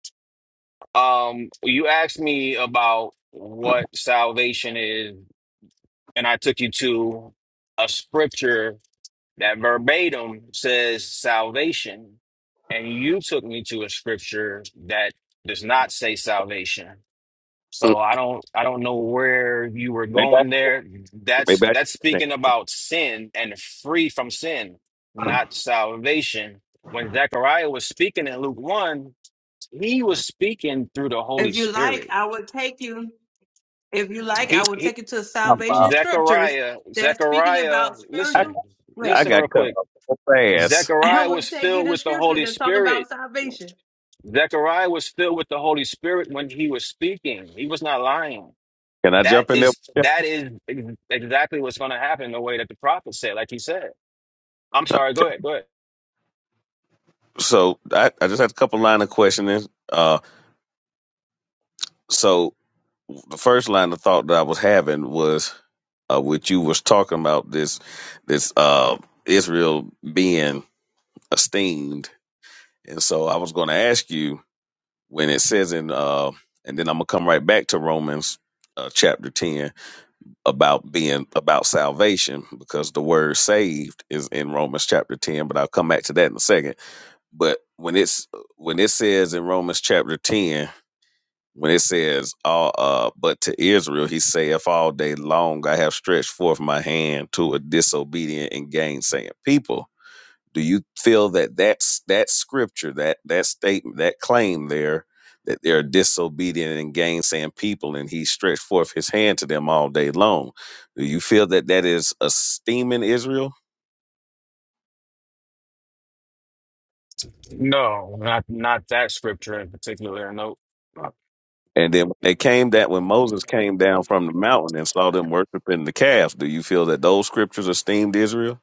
Speaker 7: Um, you asked me about what salvation is, and I took you to a scripture that verbatim says salvation, and you took me to a scripture that does not say salvation. So
Speaker 6: Mm,
Speaker 7: I don't I don't know where you were
Speaker 6: Maybe I,
Speaker 7: going there. That's
Speaker 6: maybe I,
Speaker 7: that's
Speaker 6: think.
Speaker 7: speaking about sin and free from sin, not salvation. When Zechariah was speaking in Luke 1, he was speaking through the Holy
Speaker 4: If you like,
Speaker 7: Spirit.
Speaker 4: I will take you. If you like, I
Speaker 7: He,
Speaker 4: will
Speaker 7: he
Speaker 4: take you to salvation scriptures
Speaker 7: Zechariah,
Speaker 4: that's speaking
Speaker 7: Zechariah,
Speaker 4: about
Speaker 6: I,
Speaker 4: spiritual.
Speaker 7: listen,
Speaker 4: Wait,
Speaker 6: I
Speaker 7: listen real
Speaker 6: got cut
Speaker 7: quick.
Speaker 6: off so fast.
Speaker 4: I
Speaker 7: Zechariah
Speaker 4: will
Speaker 7: was
Speaker 4: take you
Speaker 7: filled
Speaker 4: to
Speaker 7: with the
Speaker 4: scripture
Speaker 7: Holy
Speaker 4: that's talking
Speaker 7: Spirit.
Speaker 4: about salvation.
Speaker 7: Zechariah was filled with the Holy Spirit when he was speaking. He was not lying.
Speaker 6: Can I jump
Speaker 7: That
Speaker 6: in there?
Speaker 7: is
Speaker 6: Yeah.
Speaker 7: that is ex- exactly what's going to happen the way that the prophet said, like he said. I'm sorry,
Speaker 6: Okay.
Speaker 7: go ahead, go ahead.
Speaker 6: So I, I just had a couple line of questioning. Uh, so the first line of thought that I was having was uh, what you was talking about this this uh, Israel being esteemed, and so I was going to ask you. when it says in uh and then I'm gonna come right back to Romans uh, chapter 10 about being about salvation because the word saved is in Romans chapter 10 but I'll come back to that in a second but when it's when it says in Romans chapter 10 when it says all uh but to Israel he saith all day long I have stretched forth my hand to a disobedient and gainsaying people do you feel that that's that scripture, that that statement, that claim there, that they're disobedient and gainsaying people, and he stretched forth his hand to them all day long? Do you feel that that is esteeming Israel?
Speaker 7: No, not not that scripture in particular. No.
Speaker 6: And then when they came that when Moses came down from the mountain and saw them worshiping the calf, do you feel that those scriptures esteemed Israel?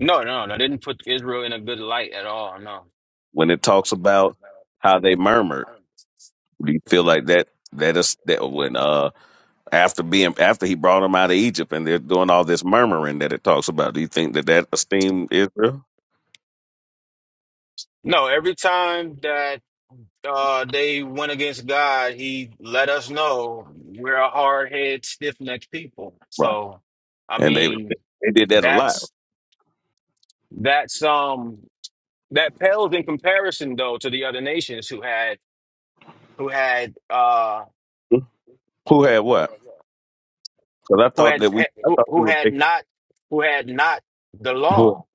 Speaker 7: No, no, no. Didn't put Israel in a good light at all. No.
Speaker 6: When it talks about how they murmured, do you feel like that that is that when uh after being after he brought them out of Egypt and they're doing all this murmuring that it talks about. Do you think that that esteemed Israel?
Speaker 7: No, every time that uh they went against God, he let us know we're a hard-head, stiff-necked people.
Speaker 6: Right.
Speaker 7: So, I
Speaker 6: And they
Speaker 7: mean,
Speaker 6: they did that a lot.
Speaker 7: that's. That's um that pales in comparison though to the other nations who had who had uh
Speaker 6: Who had what? Because I
Speaker 7: who
Speaker 6: thought
Speaker 7: had
Speaker 6: that we I
Speaker 7: who,
Speaker 6: thought we
Speaker 7: who
Speaker 6: were
Speaker 7: had
Speaker 6: making
Speaker 7: not who had not the
Speaker 6: who.
Speaker 7: law.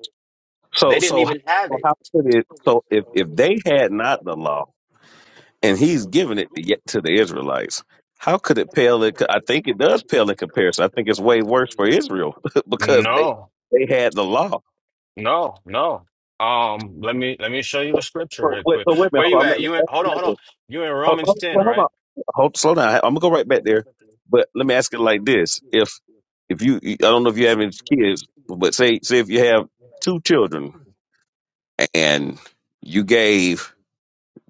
Speaker 6: So
Speaker 7: They didn't
Speaker 6: so
Speaker 7: even have
Speaker 6: so
Speaker 7: it.
Speaker 6: how could it? So if if they had not the law and he's giving it to get to the Israelites. How could it pale? In, co- I think it does pale in comparison. I think it's way worse for Israel because they
Speaker 7: No,
Speaker 6: they had the law.
Speaker 7: no, no. Um, let me let me show you a scripture
Speaker 6: So
Speaker 7: right
Speaker 6: wait,
Speaker 7: quick.
Speaker 6: so wait a minute,
Speaker 7: Where you
Speaker 6: hold
Speaker 7: at? You in? Hold
Speaker 6: on.
Speaker 7: on, hold
Speaker 6: Let-
Speaker 7: on. You in
Speaker 6: Ho-
Speaker 7: Romans
Speaker 6: ho-
Speaker 7: ten,
Speaker 6: well, Hold,
Speaker 7: right?
Speaker 6: on. Hold, slow down. I'm gonna go right back there, but let me ask it like this: If if you, I don't know if you have any kids, but say say if you have two children and you gave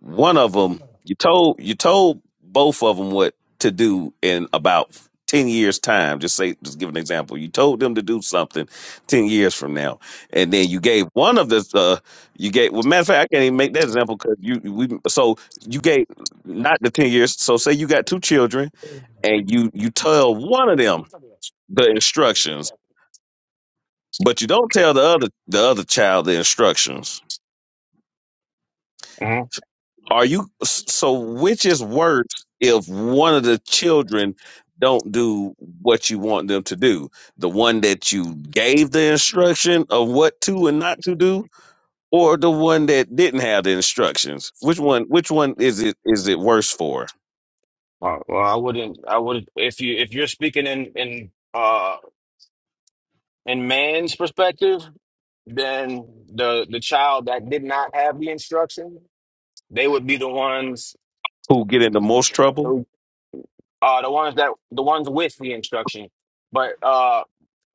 Speaker 6: one of them, you told you told both of them what to do in about ten years time. Just say, just give an example. You told them to do something ten years from now, and then you gave one of the uh, you gave. Well, matter of fact, I can't even make that example because you we so you gave not the ten years. So say you got two children, and you you tell one of them the instructions, but you don't tell the other the other child the instructions
Speaker 7: hmm
Speaker 6: Are you so? Which is worse if one of the children don't do what you want them to do? The one that you gave the instruction of what to and not to do, or the one that didn't have the instructions? Which one? Which one is it? Is it worse for?
Speaker 7: well, I wouldn't. I would if you if you're speaking in in uh in man's perspective, then the the child that did not have the instruction, they would be the ones
Speaker 6: Who get into most trouble?
Speaker 7: who uh the ones that the ones with the instruction. But uh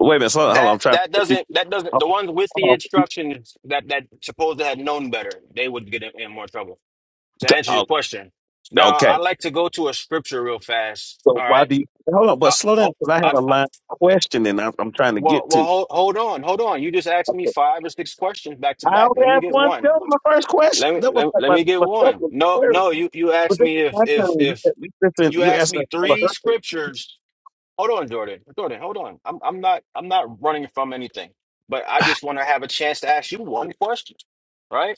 Speaker 6: Wait a minute. Hold on. Hold on
Speaker 7: that
Speaker 6: I'm trying
Speaker 7: that
Speaker 6: to.
Speaker 7: doesn't that doesn't
Speaker 6: Hold
Speaker 7: the
Speaker 6: on,
Speaker 7: ones with the
Speaker 6: hold on.
Speaker 7: instructions that that supposed to have known better, they would get in, in more trouble. To
Speaker 6: To-
Speaker 7: answer your
Speaker 6: oh,
Speaker 7: question. Now
Speaker 6: Okay.
Speaker 7: I like to go to a scripture real fast.
Speaker 6: So
Speaker 7: All
Speaker 6: why
Speaker 7: right.
Speaker 6: do you hold on? But
Speaker 7: Uh,
Speaker 6: slow down
Speaker 7: ho-
Speaker 6: because I had
Speaker 7: I,
Speaker 6: a
Speaker 7: I,
Speaker 6: line question and I'm, I'm trying to
Speaker 7: well,
Speaker 6: get
Speaker 7: well,
Speaker 6: to.
Speaker 7: hold, hold on, hold on. You just asked me five or six questions back to
Speaker 6: I
Speaker 7: back.
Speaker 6: only
Speaker 7: Let me
Speaker 6: have
Speaker 7: get
Speaker 6: one.
Speaker 7: one.
Speaker 6: That was my first question.
Speaker 7: Let me
Speaker 6: That was
Speaker 7: let, me-
Speaker 6: like
Speaker 7: let
Speaker 6: my,
Speaker 7: me get
Speaker 6: my
Speaker 7: one.
Speaker 6: second,
Speaker 7: No,
Speaker 6: third.
Speaker 7: no, you you
Speaker 6: But
Speaker 7: asked
Speaker 6: this
Speaker 7: me
Speaker 6: is
Speaker 7: if
Speaker 6: my
Speaker 7: if
Speaker 6: turn. You,
Speaker 7: if
Speaker 6: you listen.
Speaker 7: you
Speaker 6: You
Speaker 7: asked
Speaker 6: asked me.
Speaker 7: me
Speaker 6: I'm
Speaker 7: three scriptures. Hold on, Jordan. Jordan, hold on. I'm I'm not I'm not running from anything, but I just want to have a chance to ask you one question, right?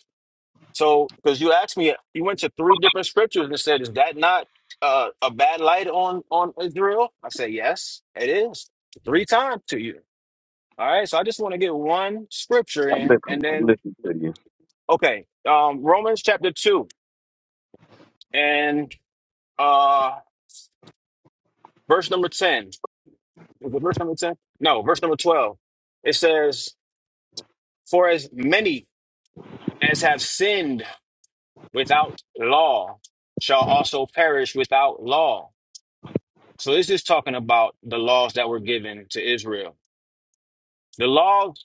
Speaker 7: So, because you asked me, you went to three different scriptures and said, "Is that not uh, a bad light on on Israel?" I said, "Yes, it is." Three times to you. All right. So I just want to get one scripture in, and
Speaker 6: listening. I'm
Speaker 7: then
Speaker 6: listening to you.
Speaker 7: okay, um, Romans chapter two. and uh verse number 10 was it verse number 10 no verse number 12 it says for as many as have sinned without law shall also perish without law so this is talking about the laws that were given to israel the laws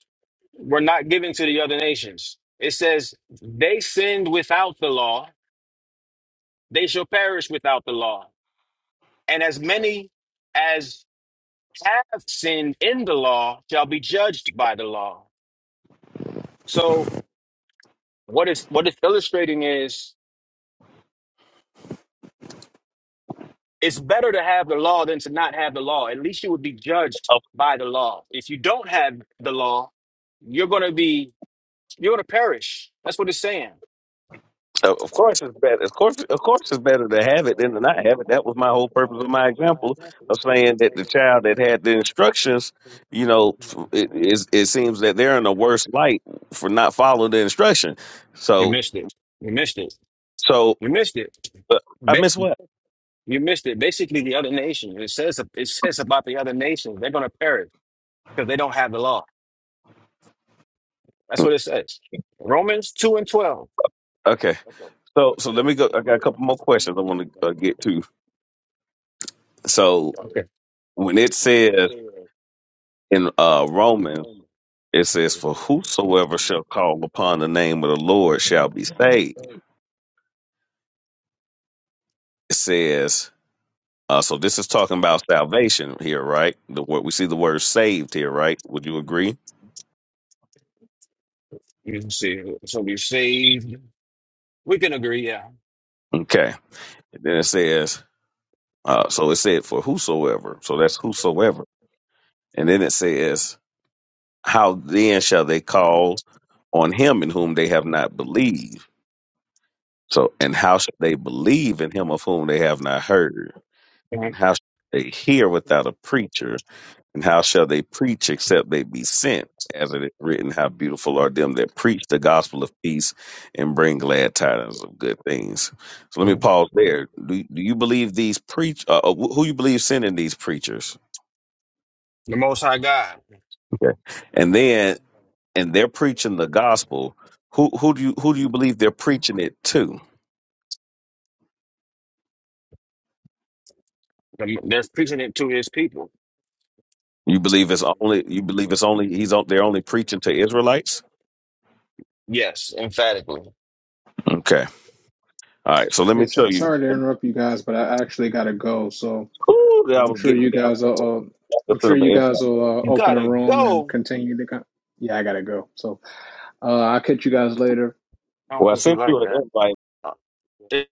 Speaker 7: were not given to the other nations it says they sinned without the law they shall perish without the law and as many as have sinned in the law shall be judged by the law So what is what it's illustrating is it's better to have the law than to not have the law. At least you would be judged by the law. If you don't have the law, you're gonna be you're gonna perish. That's what it's saying.
Speaker 6: Of, of course, it's better. Of course, of course, it's better to have it than to not have it. That was my whole purpose of my example of saying that the child that had the instructions, you know, it, it, it seems that they're in the worst light for not following the instruction.
Speaker 7: You
Speaker 6: So,
Speaker 7: missed it. You missed it.
Speaker 6: so
Speaker 7: You missed it.
Speaker 6: uh, I
Speaker 7: Ba-
Speaker 6: miss what?
Speaker 7: you missed it. Basically, the other nation. It says it says about the other nations. They're gonna perish because they don't have the law. That's what it says. Romans two and twelve.
Speaker 6: Okay. So, so let me go. I got a couple more questions I want to uh, get to. So,
Speaker 7: Okay.
Speaker 6: when it says in uh, Romans, it says, "For whosoever shall call upon the name of the Lord shall be saved." It says, uh, so this is talking about salvation here, right? The word we see the word "saved" here, right? Would you agree?
Speaker 7: You can see, so we saved. We can agree, yeah.
Speaker 6: Okay. And then it says, uh, so it said, "For whosoever," so that's whosoever, and then it says, "How then shall they call on him in whom they have not believed?" So, and how shall they believe in him of whom they have not heard? And how shall they hear without a preacher? And how shall they preach except they be sent? As it is written, how beautiful are them that preach the gospel of peace and bring glad tidings of good things. So let me
Speaker 7: Mhm.
Speaker 6: pause there. Do, do you believe these preach? Uh, uh, who you believe sending these preachers?
Speaker 7: The Most High God.
Speaker 6: Okay, and then and they're preaching the gospel. Who who do you who do you believe they're preaching it to?
Speaker 7: The- They're preaching it to his people.
Speaker 6: You believe it's only you believe it's only he's on, they're only preaching to Israelites.
Speaker 7: Yes, emphatically.
Speaker 6: Okay, all right. So let
Speaker 1: Hey,
Speaker 6: me show
Speaker 1: so,
Speaker 6: you.
Speaker 1: sorry to interrupt you guys, but I actually gotta go. So
Speaker 6: Ooh, that I
Speaker 1: I'm
Speaker 6: was
Speaker 1: sure
Speaker 6: getting
Speaker 1: you
Speaker 6: there. I
Speaker 1: guys will. Uh,
Speaker 6: was
Speaker 1: I'm
Speaker 6: sending
Speaker 1: sure
Speaker 6: him an
Speaker 1: you guys
Speaker 6: invite.
Speaker 1: will uh,
Speaker 7: You
Speaker 1: open a
Speaker 7: gotta
Speaker 1: room and
Speaker 7: go.
Speaker 1: continue to. Con- yeah, I gotta go. So uh, I'll catch you guys later.
Speaker 7: I don't
Speaker 6: Well, I
Speaker 7: think you
Speaker 6: sent you
Speaker 7: like
Speaker 6: an
Speaker 7: that.
Speaker 6: invite.
Speaker 7: Uh,